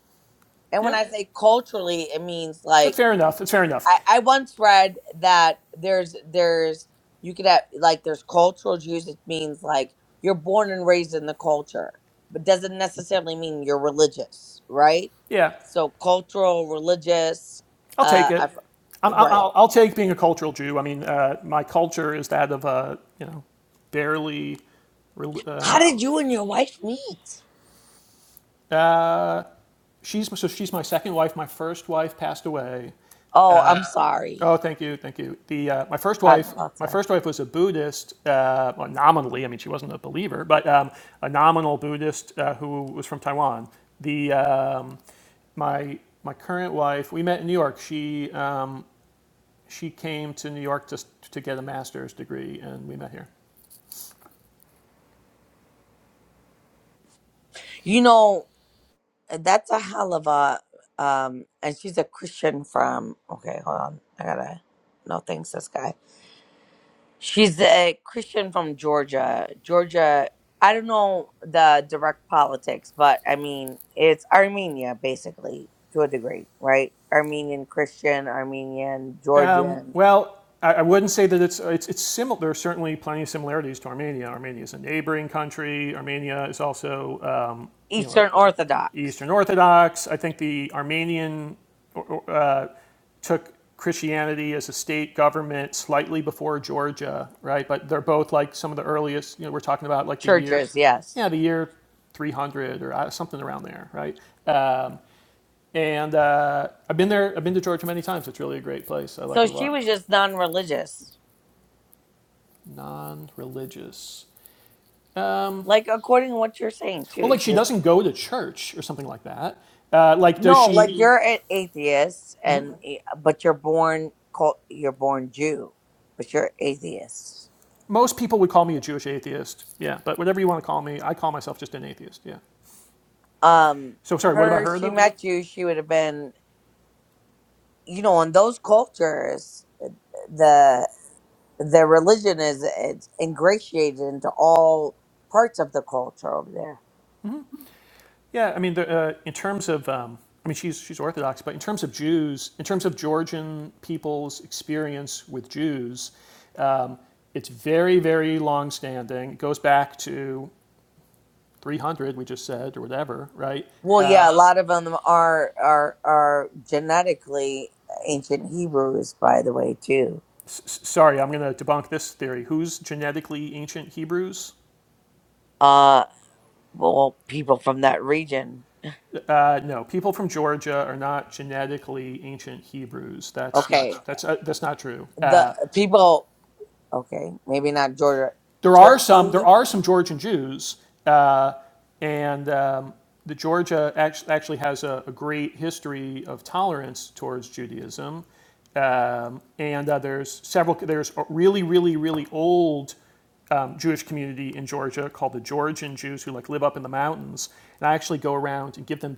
[SPEAKER 2] And when
[SPEAKER 3] Yeah,
[SPEAKER 2] I say culturally, it means
[SPEAKER 3] that's
[SPEAKER 2] like
[SPEAKER 3] fair enough. That's fair enough.
[SPEAKER 2] I, I once read that there's there's you could have like there's cultural Jews. It means like you're born and raised in the culture, but doesn't necessarily mean you're religious, right?
[SPEAKER 3] Yeah.
[SPEAKER 2] So cultural, religious.
[SPEAKER 3] I'll
[SPEAKER 2] Uh,
[SPEAKER 3] take
[SPEAKER 2] I,
[SPEAKER 3] it.
[SPEAKER 2] f-
[SPEAKER 3] I'm, I'll-
[SPEAKER 2] right.
[SPEAKER 3] I'll, take being a cultural Jew. I mean, uh, my culture is that of a you know barely.
[SPEAKER 2] How
[SPEAKER 3] Um,
[SPEAKER 2] did you and your wife meet?
[SPEAKER 3] uh, she's so she's my second wife. My first wife passed away.
[SPEAKER 2] Oh, I'm sorry.
[SPEAKER 3] Oh, thank you, thank you. The uh, my first
[SPEAKER 2] God
[SPEAKER 3] wife.
[SPEAKER 2] bless
[SPEAKER 3] My
[SPEAKER 2] her.
[SPEAKER 3] first wife was a Buddhist, uh, well, nominally. I mean, she wasn't a believer, but um, a nominal Buddhist uh, who was from Taiwan. The um, my my current wife, we met in New York. She um, she came to New York just to get a master's degree, and we met here.
[SPEAKER 2] You know that's a hell of a um, and she's a Christian from. Okay, hold on. I gotta. No thanks, this guy. She's a Christian from Georgia. Georgia, I don't know the direct politics, but I mean, it's Armenia basically to a degree, right? Armenian Christian, Armenian, Georgian,
[SPEAKER 3] Well, I, I wouldn't say that it's it's, it's similar. There are certainly plenty of similarities to Armenia. Armenia is a neighboring country. Armenia is also um, you
[SPEAKER 2] Eastern
[SPEAKER 3] know
[SPEAKER 2] Orthodox
[SPEAKER 3] Eastern Orthodox. I think the Armenian uh, took Christianity as a state government slightly before Georgia, right? But they're both like some of the earliest. You know, we're talking about like the year,
[SPEAKER 2] churches,
[SPEAKER 3] yeah,
[SPEAKER 2] yes.
[SPEAKER 3] the year 300 or uh, something around there, right? Um, And uh, I've been there. I've been to Georgia many times. It's really a great place. I like
[SPEAKER 2] So
[SPEAKER 3] it a
[SPEAKER 2] she
[SPEAKER 3] lot.
[SPEAKER 2] was just non religious.
[SPEAKER 3] Non-religious. Um,
[SPEAKER 2] Like, according to what you're saying,
[SPEAKER 3] well,
[SPEAKER 2] too,
[SPEAKER 3] like
[SPEAKER 2] she
[SPEAKER 3] she
[SPEAKER 2] was
[SPEAKER 3] doesn't go to church or something like that. Uh, like, does
[SPEAKER 2] no, like She-
[SPEAKER 3] she?
[SPEAKER 2] you're an atheist, and eh, but you're born, cult- you're born Jew, but you're atheist.
[SPEAKER 3] Most people would call me a Jewish atheist. Yeah, but whatever you want to call me, I call myself just an atheist. Yeah.
[SPEAKER 2] um
[SPEAKER 3] So sorry. What about
[SPEAKER 2] her
[SPEAKER 3] her
[SPEAKER 2] she
[SPEAKER 3] though?
[SPEAKER 2] met you she would have been you know in those cultures the the religion is it's ingratiated into all parts of the culture over there
[SPEAKER 3] Yeah, I mean, the, uh, in terms of, um, I mean, she's she's Orthodox, but in terms of Jews, in terms of Georgian people's experience with Jews, um, it's very, very long-standing. It goes back to 300, we just said, or whatever, right?
[SPEAKER 2] well yeah a lot of them are are are genetically ancient hebrews by the way too
[SPEAKER 3] S- sorry, I'm going to debunk this theory. Who's genetically ancient Hebrews?
[SPEAKER 2] uh well people from that region
[SPEAKER 3] Uh, no, people from Georgia are not genetically ancient Hebrews. That's
[SPEAKER 2] okay
[SPEAKER 3] not that's uh, that's not true. Uh,
[SPEAKER 2] the people okay maybe not georgia
[SPEAKER 3] there are some there
[SPEAKER 2] turkey
[SPEAKER 3] are some Georgian Jews, uh, and um, the Georgia act- actually has a, a great history of tolerance towards Judaism. Um, and uh, there's several there's a really really really old um, Jewish community in Georgia called the Georgian Jews who like live up in the mountains. And I actually go around and give them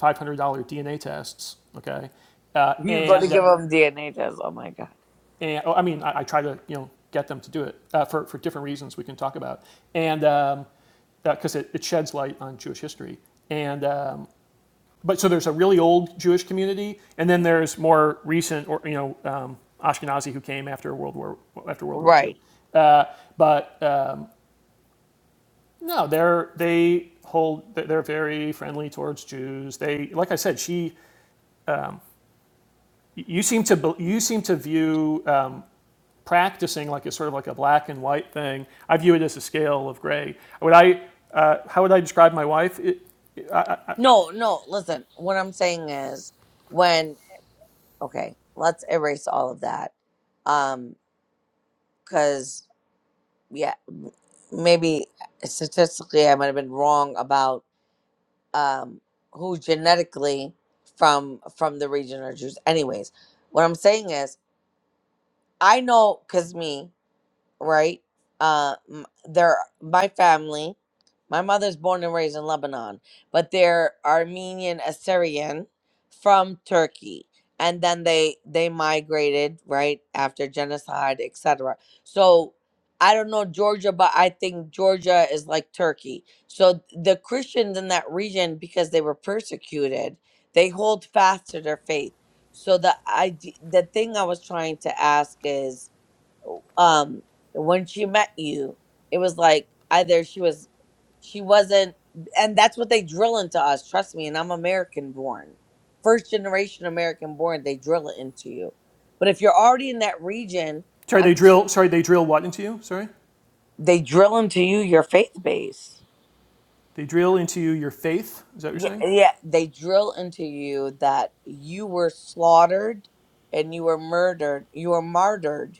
[SPEAKER 3] $500 DNA tests. Okay, uh,
[SPEAKER 2] you go to
[SPEAKER 3] and
[SPEAKER 2] give them dna tests oh my god
[SPEAKER 3] and oh, I mean, I, I try to you know get them to do it uh, for for different reasons we can talk about, and um, because um, uh it, it sheds light on Jewish history, and um, but so there's a really old Jewish community, and then there's more recent or you know um, Ashkenazi who came after World War after World War II,
[SPEAKER 2] right
[SPEAKER 3] uh, but uh, no, they're they hold they're very friendly towards Jews. They like I said, she you seem to you seem to view. Um, practicing like it's sort of like a black and white thing. I view it as a scale of gray. Would I, uh, how would I describe my wife? It,
[SPEAKER 2] No, no, listen, what I'm saying is when okay, let's erase all of that. Um cuz yeah, maybe statistically I might have been wrong about um who genetically from from the region are Jews. Anyways, what I'm saying is I know cuz me right? Uh, m- they're my family. My mother's born and raised in Lebanon, but they're Armenian Assyrian from Turkey, and then they they migrated right after genocide, etc. So I don't know Georgia, but I think Georgia is like Turkey. So the Christians in that region, because they were persecuted, they hold fast to their faith. So the idea, the thing I was trying to ask is um when she met you it was like either she was she wasn't and that's what they drill into us trust me and i'm american born first generation american born they drill it into you but if you're already in that region
[SPEAKER 3] sorry, they
[SPEAKER 2] i'm just
[SPEAKER 3] drill. Sorry, they drill what into you? Sorry,
[SPEAKER 2] they drill into you your faith base
[SPEAKER 3] they drill into you your faith. Is that what you're
[SPEAKER 2] yeah,
[SPEAKER 3] saying?
[SPEAKER 2] yeah they drill into you that you were slaughtered and you were murdered you were martyred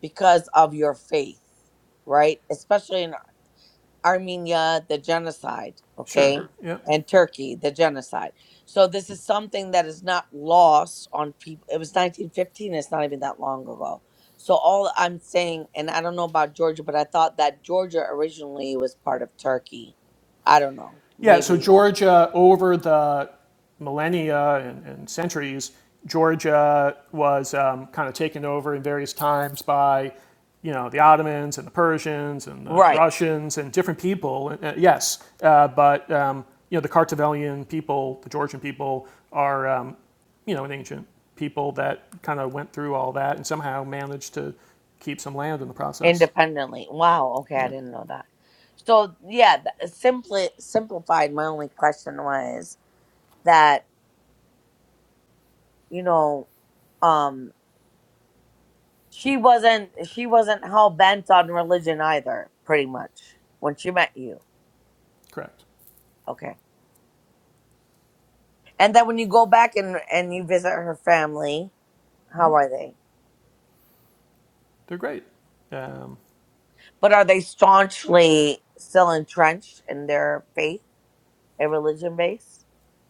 [SPEAKER 2] because of your faith right? Especially in Armenia, the genocide, okay,
[SPEAKER 3] Sure. Yeah.
[SPEAKER 2] and Turkey, the genocide. So this is something that is not lost on people. It was 1915. It's not even that long ago. So all I'm saying, and I don't know about Georgia, but I thought that Georgia originally was part of Turkey. I don't know.
[SPEAKER 3] Yeah, so
[SPEAKER 2] Maybe
[SPEAKER 3] Georgia, over the millennia and, and centuries, Georgia was um, kind of taken over in various times by, you know, the Ottomans and the Persians and the
[SPEAKER 2] right
[SPEAKER 3] Russians and different people. Uh, yes, uh, but um, you know, the Kartvelian people, the Georgian people, are um, you know an ancient people that kind of went through all that and somehow managed to keep some land in the process.
[SPEAKER 2] independently. Wow. Okay, I
[SPEAKER 3] Yeah,
[SPEAKER 2] didn't know that. So yeah, th- uh, simply simplified. My only question was that you know. um. She wasn't she wasn't hell bent on religion either, pretty much, when she met you.
[SPEAKER 3] correct.
[SPEAKER 2] Okay. And then when you go back and and you visit her family, how are they?
[SPEAKER 3] They're great. Um,
[SPEAKER 2] But are they staunchly still entrenched in their faith and religion base?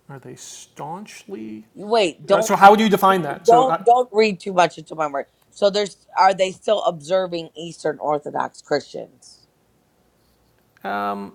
[SPEAKER 3] are they staunchly
[SPEAKER 2] Wait,
[SPEAKER 3] Uh,
[SPEAKER 2] don't
[SPEAKER 3] so how would you
[SPEAKER 2] read
[SPEAKER 3] define
[SPEAKER 2] too,
[SPEAKER 3] that? So,
[SPEAKER 2] don't
[SPEAKER 3] uh,
[SPEAKER 2] don't read too much into my word. So there's are they still observing Eastern Orthodox Christians?
[SPEAKER 3] um,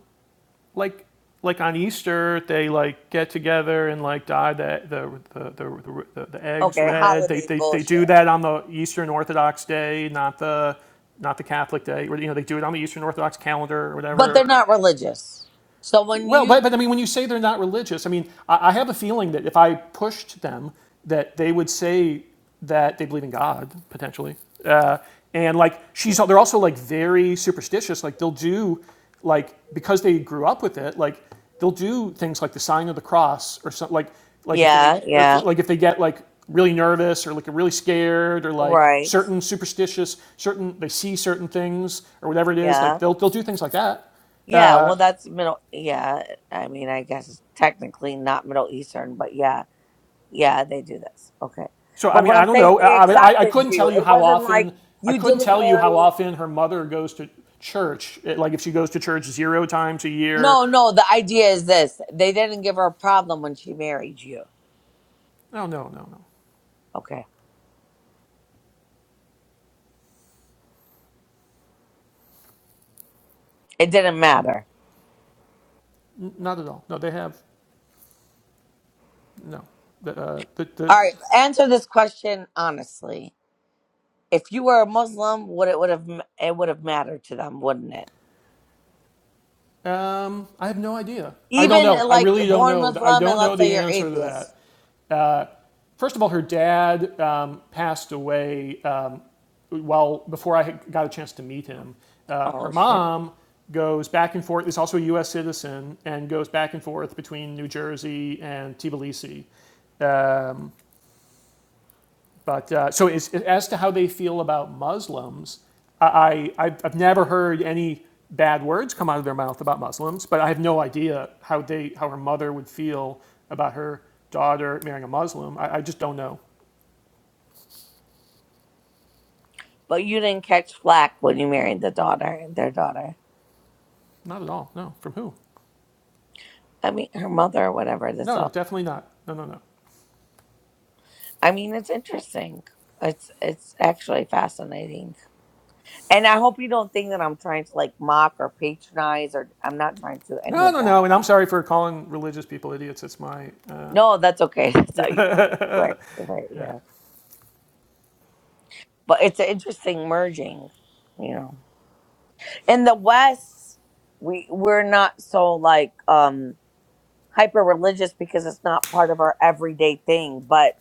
[SPEAKER 3] like, like on Easter, they like get together and like dye the the the, the, the, the eggs
[SPEAKER 2] Okay,
[SPEAKER 3] red. They,
[SPEAKER 2] holiday
[SPEAKER 3] they they
[SPEAKER 2] bullshit.
[SPEAKER 3] do that on the Eastern Orthodox day, not the not the Catholic day. Or, you know, they do it on the Eastern Orthodox calendar or
[SPEAKER 2] But they're
[SPEAKER 3] whatever.
[SPEAKER 2] not religious. So when
[SPEAKER 3] Well,
[SPEAKER 2] you
[SPEAKER 3] but, but I mean, when you say they're not religious, I mean, I, I have a feeling that if I pushed them, that they would say that they believe in God potentially. Uh, and like she's, they're also like very superstitious. Like they'll do, like because they grew up with it, like they'll do things like the sign of the cross or something. Like like if they
[SPEAKER 2] Yeah,
[SPEAKER 3] if they-
[SPEAKER 2] yeah.
[SPEAKER 3] like if they get like really nervous or like really scared or like
[SPEAKER 2] Right.
[SPEAKER 3] certain superstitious, certain they see certain things or whatever it is, like
[SPEAKER 2] Yeah.
[SPEAKER 3] they'll they'll do things like that.
[SPEAKER 2] Yeah. Well, that's Middle. Yeah. I mean, I guess it's technically not Middle Eastern, but yeah. Yeah, they do this. Okay.
[SPEAKER 3] So I
[SPEAKER 2] But
[SPEAKER 3] mean,
[SPEAKER 2] what
[SPEAKER 3] I
[SPEAKER 2] I'm
[SPEAKER 3] don't
[SPEAKER 2] saying,
[SPEAKER 3] know.
[SPEAKER 2] they
[SPEAKER 3] I I I,
[SPEAKER 2] accepted
[SPEAKER 3] couldn't tell
[SPEAKER 2] you.
[SPEAKER 3] you
[SPEAKER 2] It
[SPEAKER 3] how
[SPEAKER 2] wasn't like
[SPEAKER 3] often. I
[SPEAKER 2] you
[SPEAKER 3] couldn't
[SPEAKER 2] didn't
[SPEAKER 3] tell you how
[SPEAKER 2] marry.
[SPEAKER 3] often her mother goes to church. eh, Like if she goes to church zero times a year.
[SPEAKER 2] No, no. The idea is this they didn't give her a problem when she married you.
[SPEAKER 3] No, no, no, no,
[SPEAKER 2] Okay. It didn't matter.
[SPEAKER 3] not at all. No, they have no. The, uh, the,
[SPEAKER 2] All right. Answer this question honestly. If you were a Muslim, would it would have it would have mattered to them, wouldn't it?
[SPEAKER 3] the, um, I have no idea. I don't
[SPEAKER 2] Even
[SPEAKER 3] know. I
[SPEAKER 2] like
[SPEAKER 3] really don't
[SPEAKER 2] born
[SPEAKER 3] know. I
[SPEAKER 2] Muslim, and
[SPEAKER 3] don't know
[SPEAKER 2] let's say
[SPEAKER 3] the
[SPEAKER 2] you're
[SPEAKER 3] answer to
[SPEAKER 2] atheist.
[SPEAKER 3] that. First of all, her dad um, passed away um, well before I had got a chance to meet him. Uh, her
[SPEAKER 2] Oh shit.
[SPEAKER 3] mom goes back and forth, is also a U.S. citizen, and goes back and forth between New Jersey and Tbilisi. Um, but uh, so, is, as to how they feel about Muslims, I, I I've never heard any bad words come out of their mouth about Muslims, but I have no idea how they how her mother would feel about her daughter marrying a Muslim. I, I just don't know.
[SPEAKER 2] But you didn't catch flack when you married the daughter, their daughter.
[SPEAKER 3] Not at all. No. From who?
[SPEAKER 2] I mean her mother or whatever that's
[SPEAKER 3] No, no,
[SPEAKER 2] all.
[SPEAKER 3] definitely not. No, no, no.
[SPEAKER 2] I mean it's interesting. It's it's actually fascinating. And I hope you don't think that I'm trying to like mock or patronize or I'm not trying to do any
[SPEAKER 3] No,
[SPEAKER 2] of
[SPEAKER 3] no,
[SPEAKER 2] that.
[SPEAKER 3] no. And I'm sorry for calling religious people idiots. It's my. Uh,
[SPEAKER 2] No, that's okay. [laughs] That's how you
[SPEAKER 3] yeah.
[SPEAKER 2] right, right,
[SPEAKER 3] [laughs] yeah.
[SPEAKER 2] yeah. But it's an interesting merging, you know. In the West, we we're not so like um hyper religious because it's not part of our everyday thing, but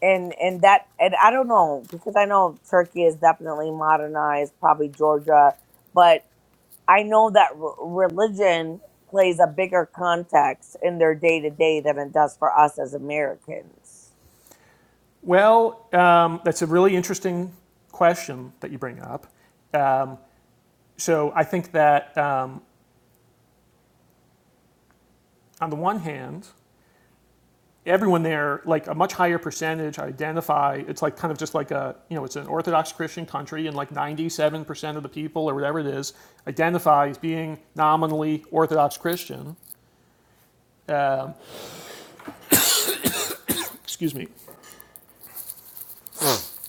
[SPEAKER 2] and and that and I don't know because I know Turkey is definitely modernized, probably Georgia, but I know that r- religion plays a bigger context in their day to day than it does for us as Americans.
[SPEAKER 3] Well, um, that's a really interesting question that you bring up. Um, so I think that um, on the one hand, everyone there, like a much higher percentage, identify. It's like kind of just like a, you know, it's an Orthodox Christian country, and like 97% of the people or whatever it is identify as being nominally Orthodox Christian. Excuse me.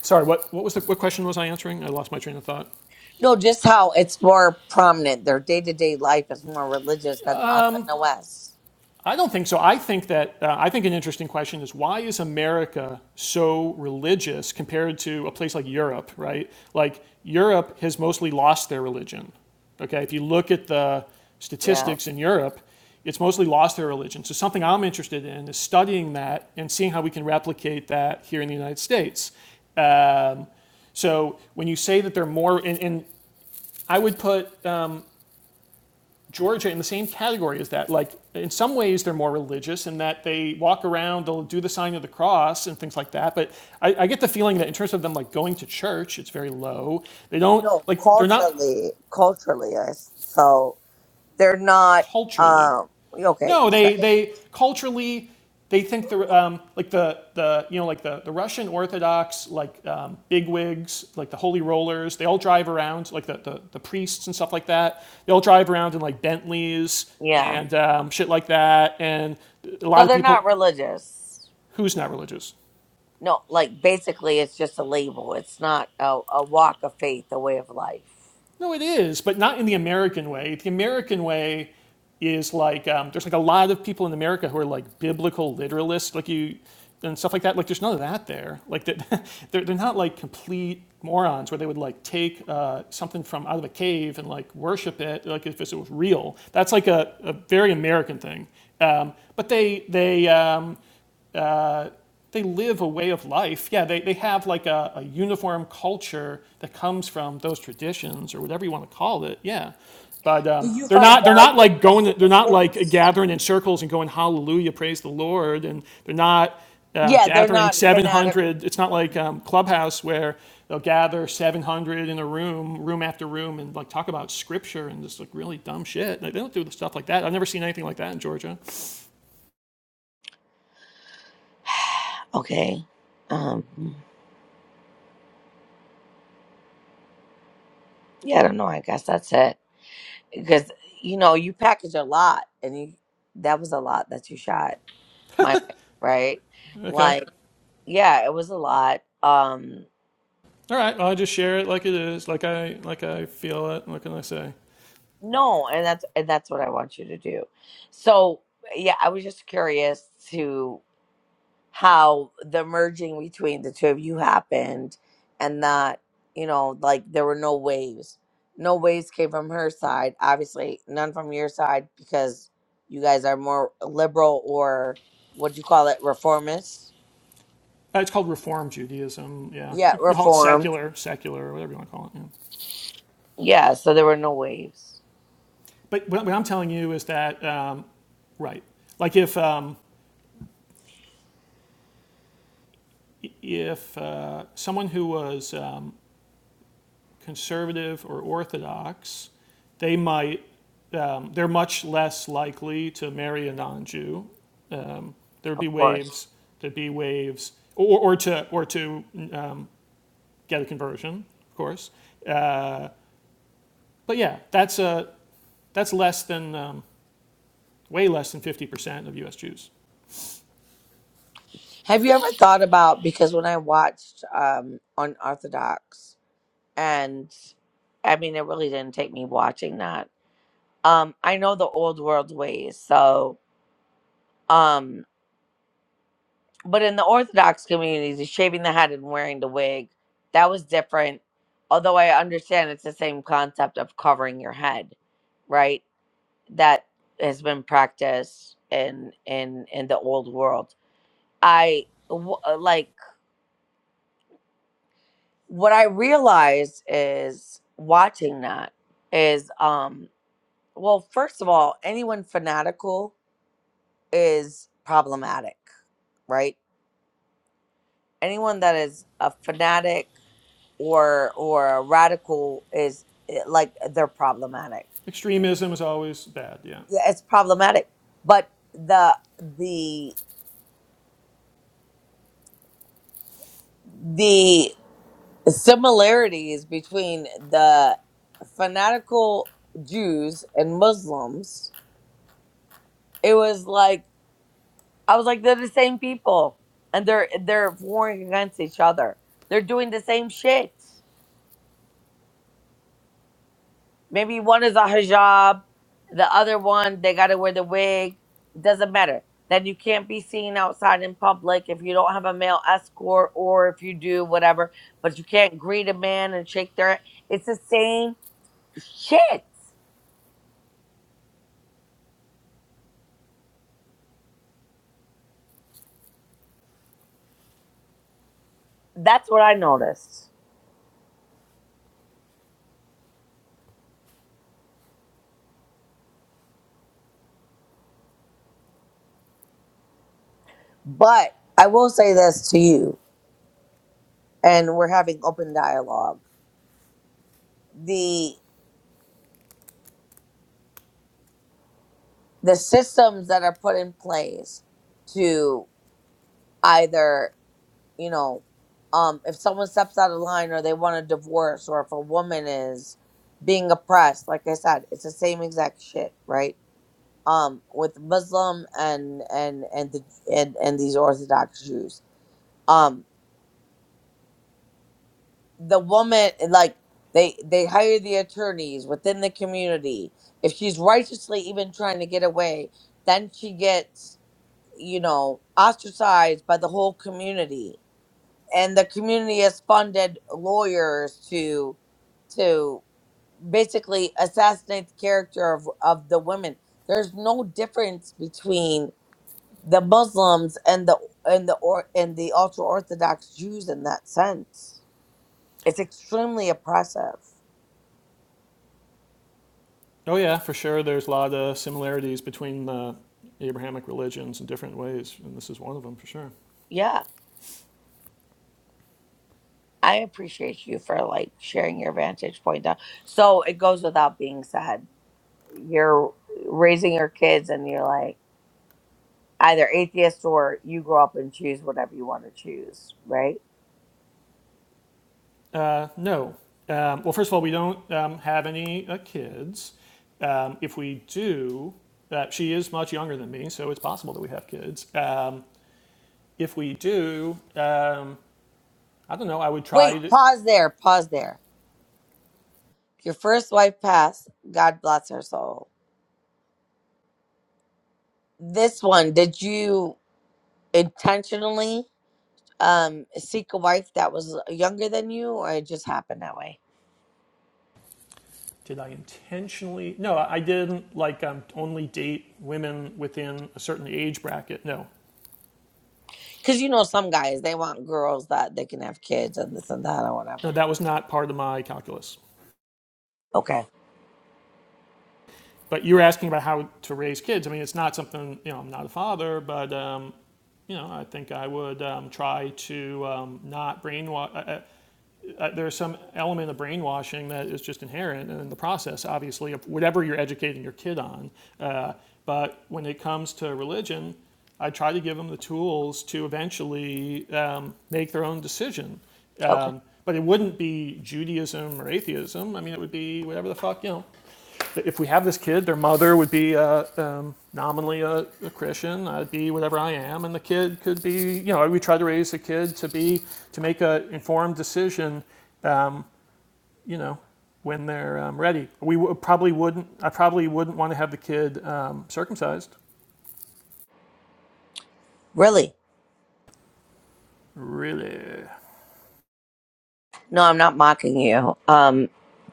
[SPEAKER 3] Sorry, what, what was the, what question was I answering? I lost my train of thought.
[SPEAKER 2] No, just how it's more prominent. Their day to day life is more religious than us in the West.
[SPEAKER 3] I don't think so. I think that, uh, I think an interesting question is why is America so religious compared to a place like Europe, right? Like, Europe has mostly lost their religion. Okay, if you look at the
[SPEAKER 2] Yeah.
[SPEAKER 3] statistics in Europe, it's mostly lost their religion. So, something I'm interested in is studying that and seeing how we can replicate that here in the United States. So, when you say that they're more, and, and I would put Georgia in the same category as that. Like, in some ways, they're more religious in that they walk around, they'll do the sign of the cross and things like that. But I, I get the feeling that in terms of them like going to church, it's very low. They don't
[SPEAKER 2] No,
[SPEAKER 3] like they're not
[SPEAKER 2] culturally, culturally, us. So they're not.
[SPEAKER 3] culturally
[SPEAKER 2] Um. Okay.
[SPEAKER 3] No, they
[SPEAKER 2] check.
[SPEAKER 3] they culturally they think the um, like the the you know like the, the Russian Orthodox like um, bigwigs like the holy rollers they all drive around like the, the the priests and stuff like that they all drive around in like Bentleys
[SPEAKER 2] Yeah.
[SPEAKER 3] and um, shit like that and a
[SPEAKER 2] So
[SPEAKER 3] lot of
[SPEAKER 2] they're not
[SPEAKER 3] people
[SPEAKER 2] religious.
[SPEAKER 3] who's not religious
[SPEAKER 2] No, like basically, it's just a label. It's not a, a walk of faith, a way of life.
[SPEAKER 3] No, it is, but not in the American way. The American way is like um, there's like a lot of people in America who are like biblical literalists, like you and stuff like that. Like there's none of that there. Like that, [laughs] they're they're not like complete morons where they would like take uh, something from out of a cave and like worship it, like if it was real. That's like a, a very American thing. Um, but they they um, they live a way of life. Yeah, they, they have like a, a uniform culture that comes from those traditions or whatever you want to call it. Yeah. But
[SPEAKER 2] Do
[SPEAKER 3] um,
[SPEAKER 2] you
[SPEAKER 3] they're
[SPEAKER 2] find
[SPEAKER 3] not they're
[SPEAKER 2] value
[SPEAKER 3] not
[SPEAKER 2] in
[SPEAKER 3] like
[SPEAKER 2] those
[SPEAKER 3] going they're not like
[SPEAKER 2] traditions?
[SPEAKER 3] gathering in circles and going hallelujah praise the Lord and they're not um,
[SPEAKER 2] Yeah, they're
[SPEAKER 3] gathering
[SPEAKER 2] not fanatical.
[SPEAKER 3] 700 it's not
[SPEAKER 2] Okay.
[SPEAKER 3] like um, clubhouse where they'll gather 700 in a room room after room and like talk about scripture and just like really dumb shit like, they don't do the stuff like that I've never seen anything like that in Georgia
[SPEAKER 2] [sighs] Okay. Um. Yeah, I don't know. I guess that's it. Because you know, you package a lot, and you that was a lot that you shot my way, right.
[SPEAKER 3] okay
[SPEAKER 2] Like, yeah, it was a lot. Um.
[SPEAKER 3] All right, well, I just share it like it is, like I like I feel it. What can I say?
[SPEAKER 2] No, and that's and that's what I want you to do. So yeah, I was just curious to. how the merging between the two of you happened and that you know like there were no waves no waves came from her side obviously none from your side because you guys are more liberal or what do you call it reformist
[SPEAKER 3] Uh, It's called Reform Judaism. Yeah,
[SPEAKER 2] yeah
[SPEAKER 3] you can call it
[SPEAKER 2] reformed
[SPEAKER 3] secular, secular, or whatever you want to call it. Yeah.
[SPEAKER 2] yeah so there were no waves
[SPEAKER 3] But what, I'm telling you is that um, right, like if um, if uh, someone who was um, conservative or orthodox, they might um, they're much less likely to marry a non-Jew. There'd
[SPEAKER 2] of
[SPEAKER 3] be
[SPEAKER 2] course
[SPEAKER 3] waves. There'd be waves, or, or to or to uh, get a conversion, of course. But yeah, that's uh, that's less than um, way less than 50% of U.S. Jews.
[SPEAKER 2] have you ever thought about because when i watched um unorthodox and i mean it really didn't take me watching that um i know the old world ways so um but in the orthodox communities the shaving the head and wearing the wig that was different although i understand it's the same concept of covering your head right that has been practiced in in in the old world i w- uh, like what i realize is watching that is um well first of all anyone fanatical is problematic right anyone that is a fanatic or or a radical is eh, like they're problematic
[SPEAKER 3] Extremism is always bad. Yeah.
[SPEAKER 2] Yeah, it's problematic but the the the similarities between the fanatical jews and muslims it was like i was like they're the same people and they're they're warring against each other they're doing the same shit Maybe one is a hijab, the other one they got to wear the wig. It doesn't matter. Then you can't be seen outside in public if you don't have a male escort or if you do whatever. But you can't greet a man and shake their. It's the same shit. That's what I noticed. But I will say this to you, and we're having open dialogue. The the systems that are put in place to either you know, um, if someone steps out of line or they want a divorce or if a woman is being oppressed, like I said, it's the same exact shit, right? Um, with Muslim and and and the and, and these Orthodox Jews, um, the woman like they they hire the attorneys within the community. If she's righteously even trying to get away, then she gets you know ostracized by the whole community and the community has funded lawyers to to basically assassinate the character of, of the women there's no difference between the muslims and the and the or and the ultra orthodox jews in that sense it's extremely oppressive
[SPEAKER 3] Oh yeah, for sure. There's a lot of similarities between the Abrahamic religions in different ways, and this is one of them for sure.
[SPEAKER 2] yeah i appreciate you for like sharing your vantage point down so it goes without being said you're raising your kids and you're like either atheist or you grow up and choose whatever you want to choose, right?
[SPEAKER 3] Uh, no. Um, well, first of all, we don't um, have any uh, kids. Um, if we do, uh, she is much younger than me, so it's possible that we have kids. Um, if we do, um, I don't know. I would
[SPEAKER 2] Wait,
[SPEAKER 3] try to,
[SPEAKER 2] pause there, pause there. Your first wife passed. God bless her soul. This one, did you intentionally um seek a wife that was younger than you or it just happened that way?
[SPEAKER 3] did I intentionally? No, I didn't like um, only date women within a certain age bracket. No,
[SPEAKER 2] Cuz you know some guys, they want girls that they can have kids and this and that or
[SPEAKER 3] no,
[SPEAKER 2] whatever.
[SPEAKER 3] that was not part of my calculus.
[SPEAKER 2] Okay.
[SPEAKER 3] But you were asking about how to raise kids. I mean, it's not something you know. I'm not a father, but um, you know, I think I would um, try to um, not brainwash. Uh, uh, uh, there's some element of brainwashing that is just inherent in the process, obviously, of whatever you're educating your kid on. Uh, but when it comes to religion, I try to give them the tools to eventually um, make their own decision.
[SPEAKER 2] Okay.
[SPEAKER 3] Um, but it wouldn't be Judaism or atheism. I mean, it would be whatever the fuck, you know, if we have this kid, their mother would be uh, um, nominally a, a Christian. I'd be whatever I am, and the kid could be. You know, we try to raise the kid to be to make a informed decision. Um, you know, when they're um, ready. We w- probably wouldn't. I probably wouldn't want to have the kid um, circumcised.
[SPEAKER 2] Really?
[SPEAKER 3] Really?
[SPEAKER 2] No, I'm not mocking you. Um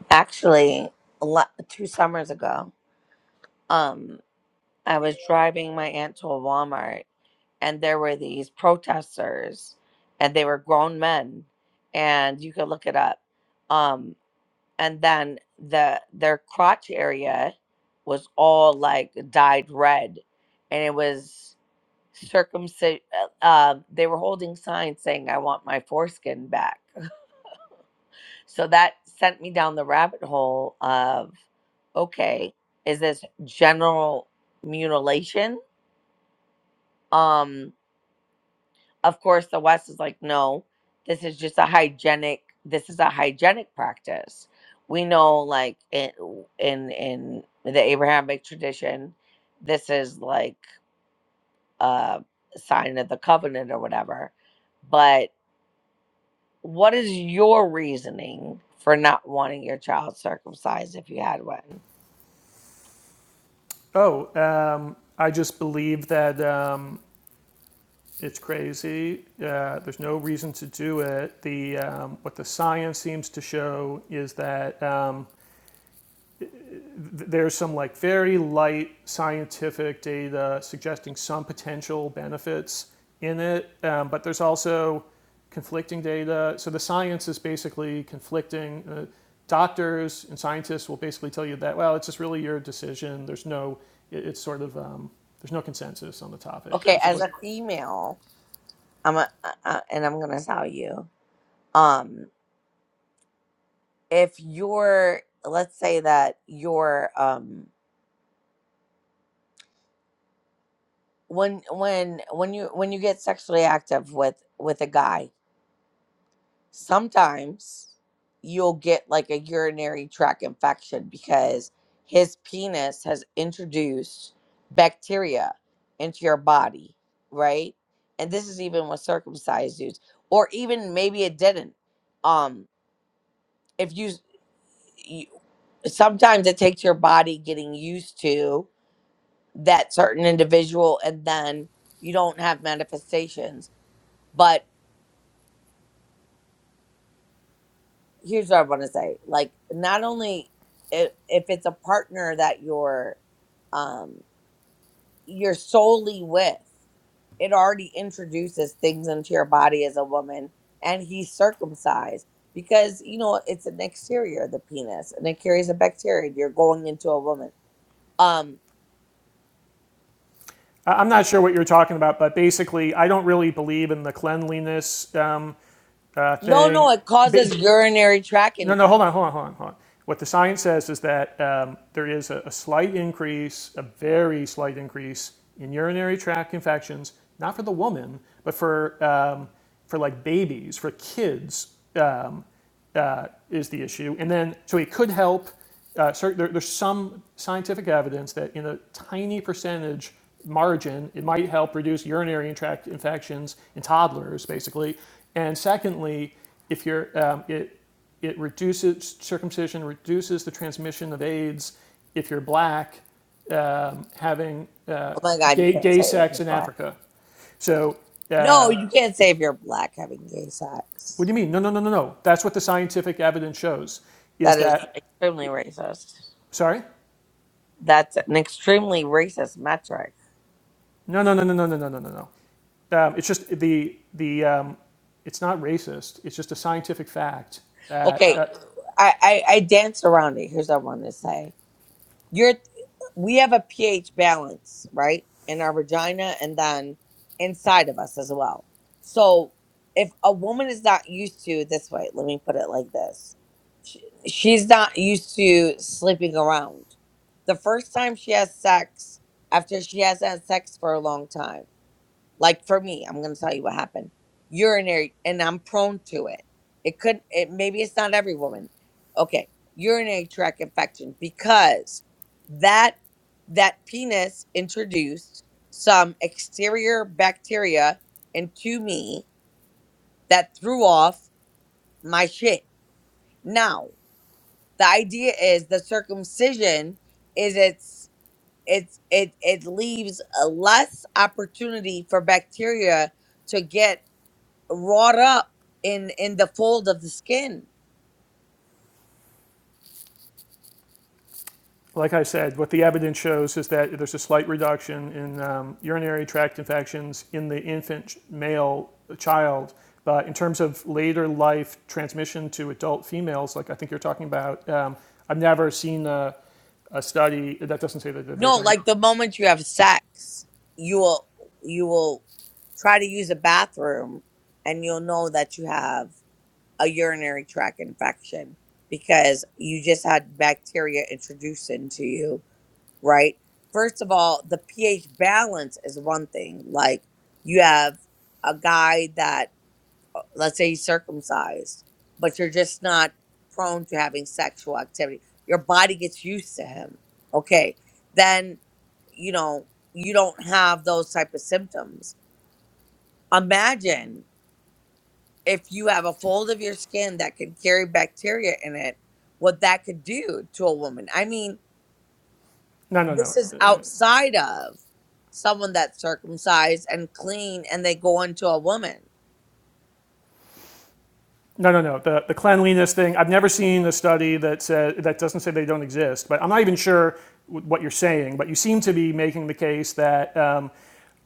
[SPEAKER 2] actually a lot, two summers ago. um, I was driving my aunt to a Walmart and there were these protesters and they were grown men and you could look it up. Um and then the their crotch area was all like dyed red and it was circumcision uh, um, they were holding signs saying I want my foreskin back. So that sent me down the rabbit hole of okay, is this general mutilation? Um Of course, the West is like, no, this is just a hygienic. This is a hygienic practice. We know, like in in, in the Abrahamic tradition, this is like a sign of the covenant or whatever. But what is your reasoning for not wanting your child circumcised if you had one?
[SPEAKER 3] Oh, um, I just believe that um, it's crazy. Uh, there's no reason to do it. The um, what the science seems to show is that um, there's some like very light scientific data suggesting some potential benefits in it, um, but there's also conflicting data. So the science is basically conflicting. Uh, doctors and scientists will basically tell you that well, it's just really your decision. There's no, it, it's sort of um, there's no consensus on the topic
[SPEAKER 2] Okay, as
[SPEAKER 3] basically.
[SPEAKER 2] a female, I'm a, uh, uh, and I'm gonna tell you, um, if you're, let's say that you're, um, when when when you when you get sexually active with with a guy sometimes you'll get like a urinary tract infection because his penis has introduced bacteria into your body right and this is even with circumcised dudes or even maybe it didn't um if you, you sometimes it takes your body getting used to that certain individual and then you don't have manifestations But here's what I want to say: like, not only if, if it's a partner that you're um, you're solely with, it already introduces things into your body as a woman, and he's circumcised because you know it's an exterior of the penis, and it carries a bacteria. You're going into a woman. Um,
[SPEAKER 3] I- am not sure what you're talking about, but basically, I don't really believe in the cleanliness um, uh,
[SPEAKER 2] no,
[SPEAKER 3] thing.
[SPEAKER 2] no, it causes
[SPEAKER 3] ba-
[SPEAKER 2] urinary tract
[SPEAKER 3] No, no,
[SPEAKER 2] infection.
[SPEAKER 3] hold on, hold on, hold on, hold on. What the science says is that um, there is a, a slight increase, a very slight increase in urinary tract infections, not for the woman, but for um, for like babies, for kids is the issue. And then, so it could help. Uh, cer there, there's some scientific evidence that in a tiny percentage margin, it might help reduce urinary tract infections in toddlers, basically. And secondly, if you're, um, it, it reduces circumcision, reduces the transmission of AIDS. If you're black, um, having uh,
[SPEAKER 2] Oh my God, you
[SPEAKER 3] gay,
[SPEAKER 2] can't
[SPEAKER 3] gay
[SPEAKER 2] say if
[SPEAKER 3] sex
[SPEAKER 2] you're
[SPEAKER 3] in
[SPEAKER 2] black.
[SPEAKER 3] Africa. So,
[SPEAKER 2] No, you can't say if you're black having gay
[SPEAKER 3] what do
[SPEAKER 2] sex.
[SPEAKER 3] you mean? No, no, no, no, no. That's what the scientific evidence shows. Is
[SPEAKER 2] That is
[SPEAKER 3] that
[SPEAKER 2] extremely racist.
[SPEAKER 3] sorry?
[SPEAKER 2] That's an extremely racist metric.
[SPEAKER 3] No, no, no, no, no, no, no, no, no, no. Um, it's just the the um, it's not racist. It's just a scientific fact that,
[SPEAKER 2] Okay,
[SPEAKER 3] that,
[SPEAKER 2] I, I, I dance around it. Here's what I want to say. You're, we have a pH balance, right, in our vagina and then inside of us as well. So if a woman is not used to this way, let me put it like this: she, she's not used to sleeping around. The first time she has sex, after she hasn't had sex for a long time. like for me i'm gonna tell you what happened urinary and i'm prone to it it could it maybe it's not every woman okay urinary tract infection because that that penis introduced some exterior bacteria into me that threw off my shit now the idea is the circumcision is it's it's it it leaves a less opportunity for bacteria to get wrought up in in the fold of the skin.
[SPEAKER 3] like I said, what the evidence shows is that there's a slight reduction in um, urinary tract infections in the infant male child. But in terms of later life transmission to adult females, like I think you're talking about, um, I've never seen a, a study that doesn't say that that they
[SPEAKER 2] No,
[SPEAKER 3] don't.
[SPEAKER 2] like the moment you have sex, you will you will try to use a bathroom and you'll know that you have a urinary tract infection because you just had bacteria introduced into you, right? First of all, the pH balance is one thing. Like you have a guy that let's say you're circumcised, but you're just not prone to having sexual activity. Your body gets used to him. Okay. Then, you know, you don't have those type of symptoms. Imagine if you have a fold of your skin that could carry bacteria in it, what that could do to a woman. I mean,
[SPEAKER 3] No, no, no.
[SPEAKER 2] this is
[SPEAKER 3] Uh,
[SPEAKER 2] outside of someone that's circumcised and clean and they go into a woman.
[SPEAKER 3] No, no, no. The, the cleanliness thing. I've never seen a study that says that doesn't say they don't exist. But I'm not even sure what you're saying. But you seem to be making the case that um,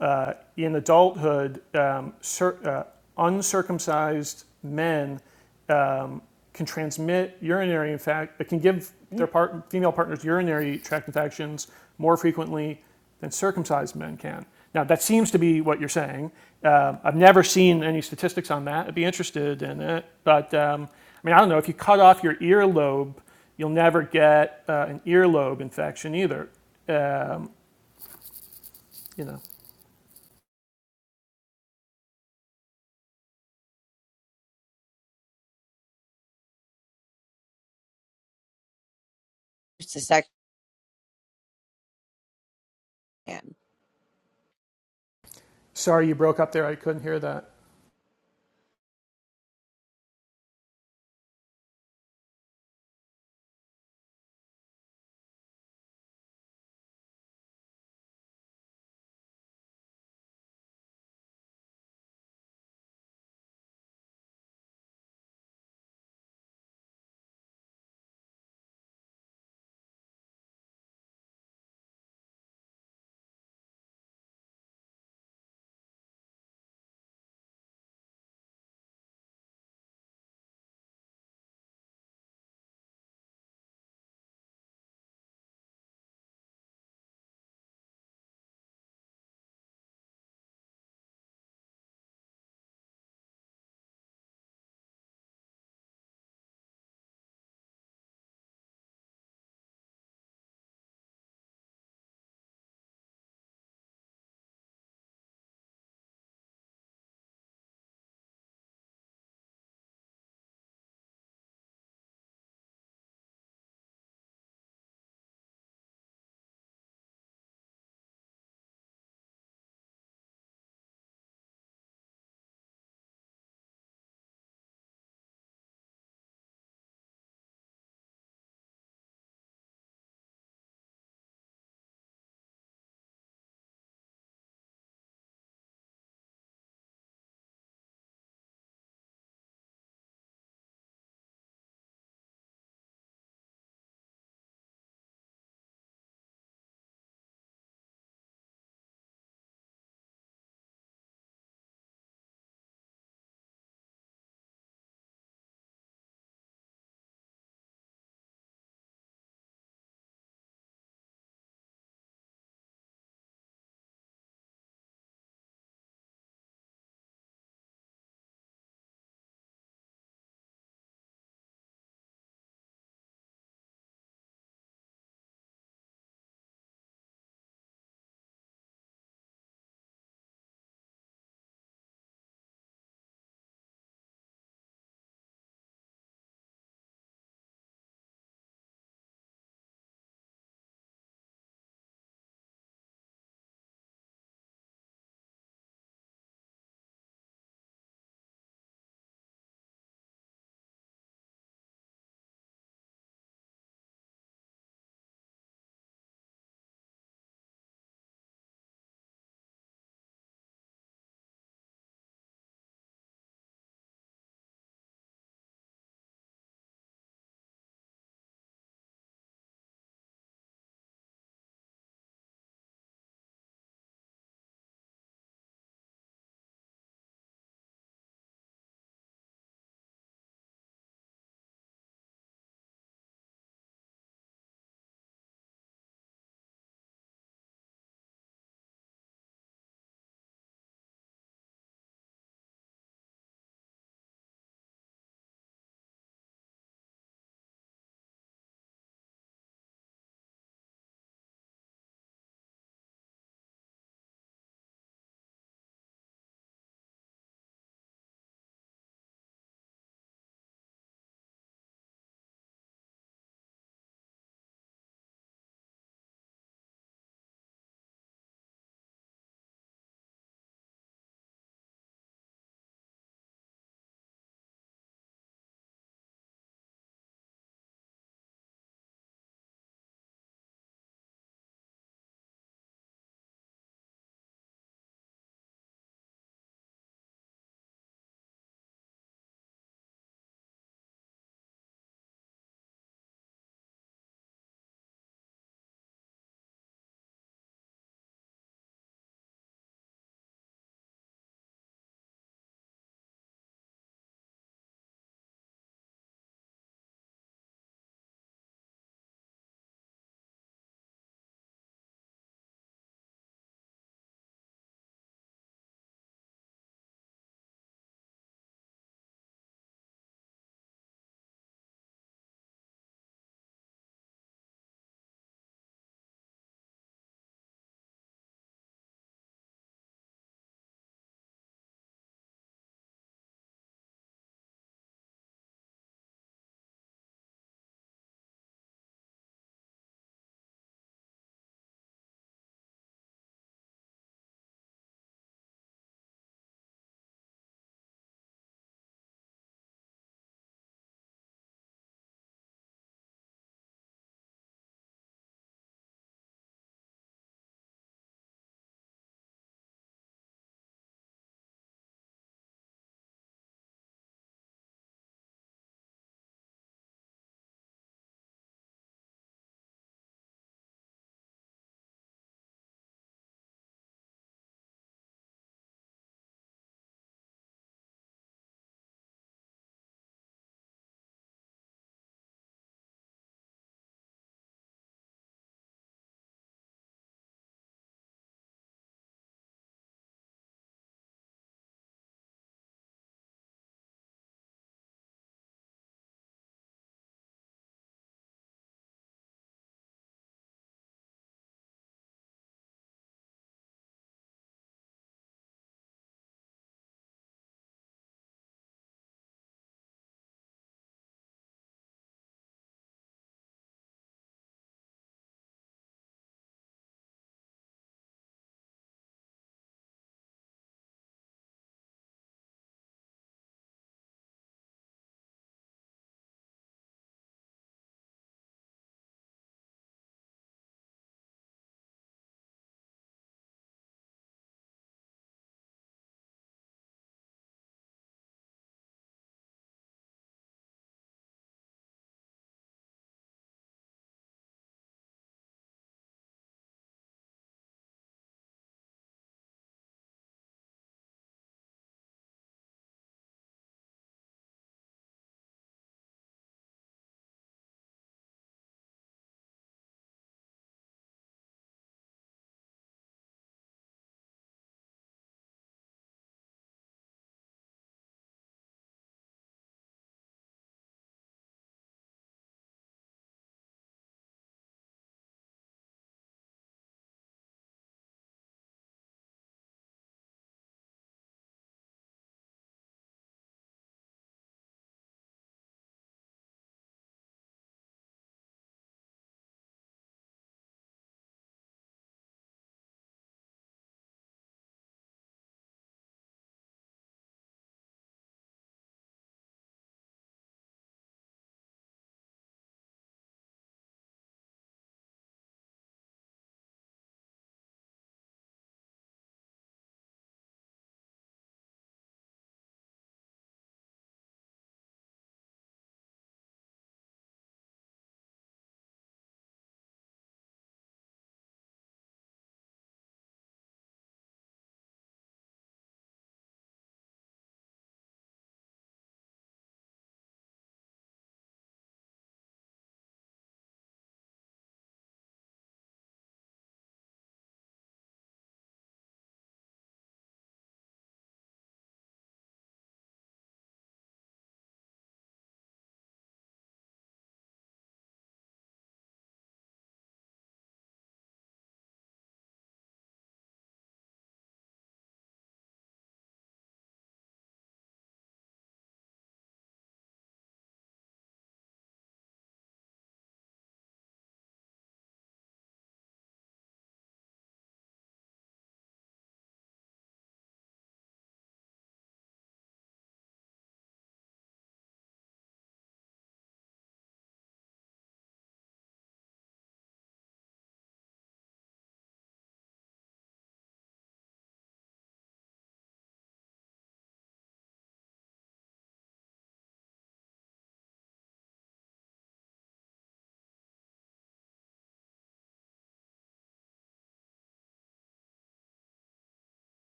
[SPEAKER 3] uh, in adulthood, um, cir- uh, uncircumcised men um, can transmit urinary infection. It can give their part- female partners urinary tract infections more frequently than circumcised men can. Now, that seems to be what you're saying. Um, I've never seen any statistics on that. I'd be interested in it. But um, I mean, I don't know. If you cut off your earlobe, you'll never get uh, an earlobe infection either. You know.
[SPEAKER 2] It's a sex man.
[SPEAKER 3] Sorry you broke up there. I couldn't hear that.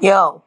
[SPEAKER 2] Yo.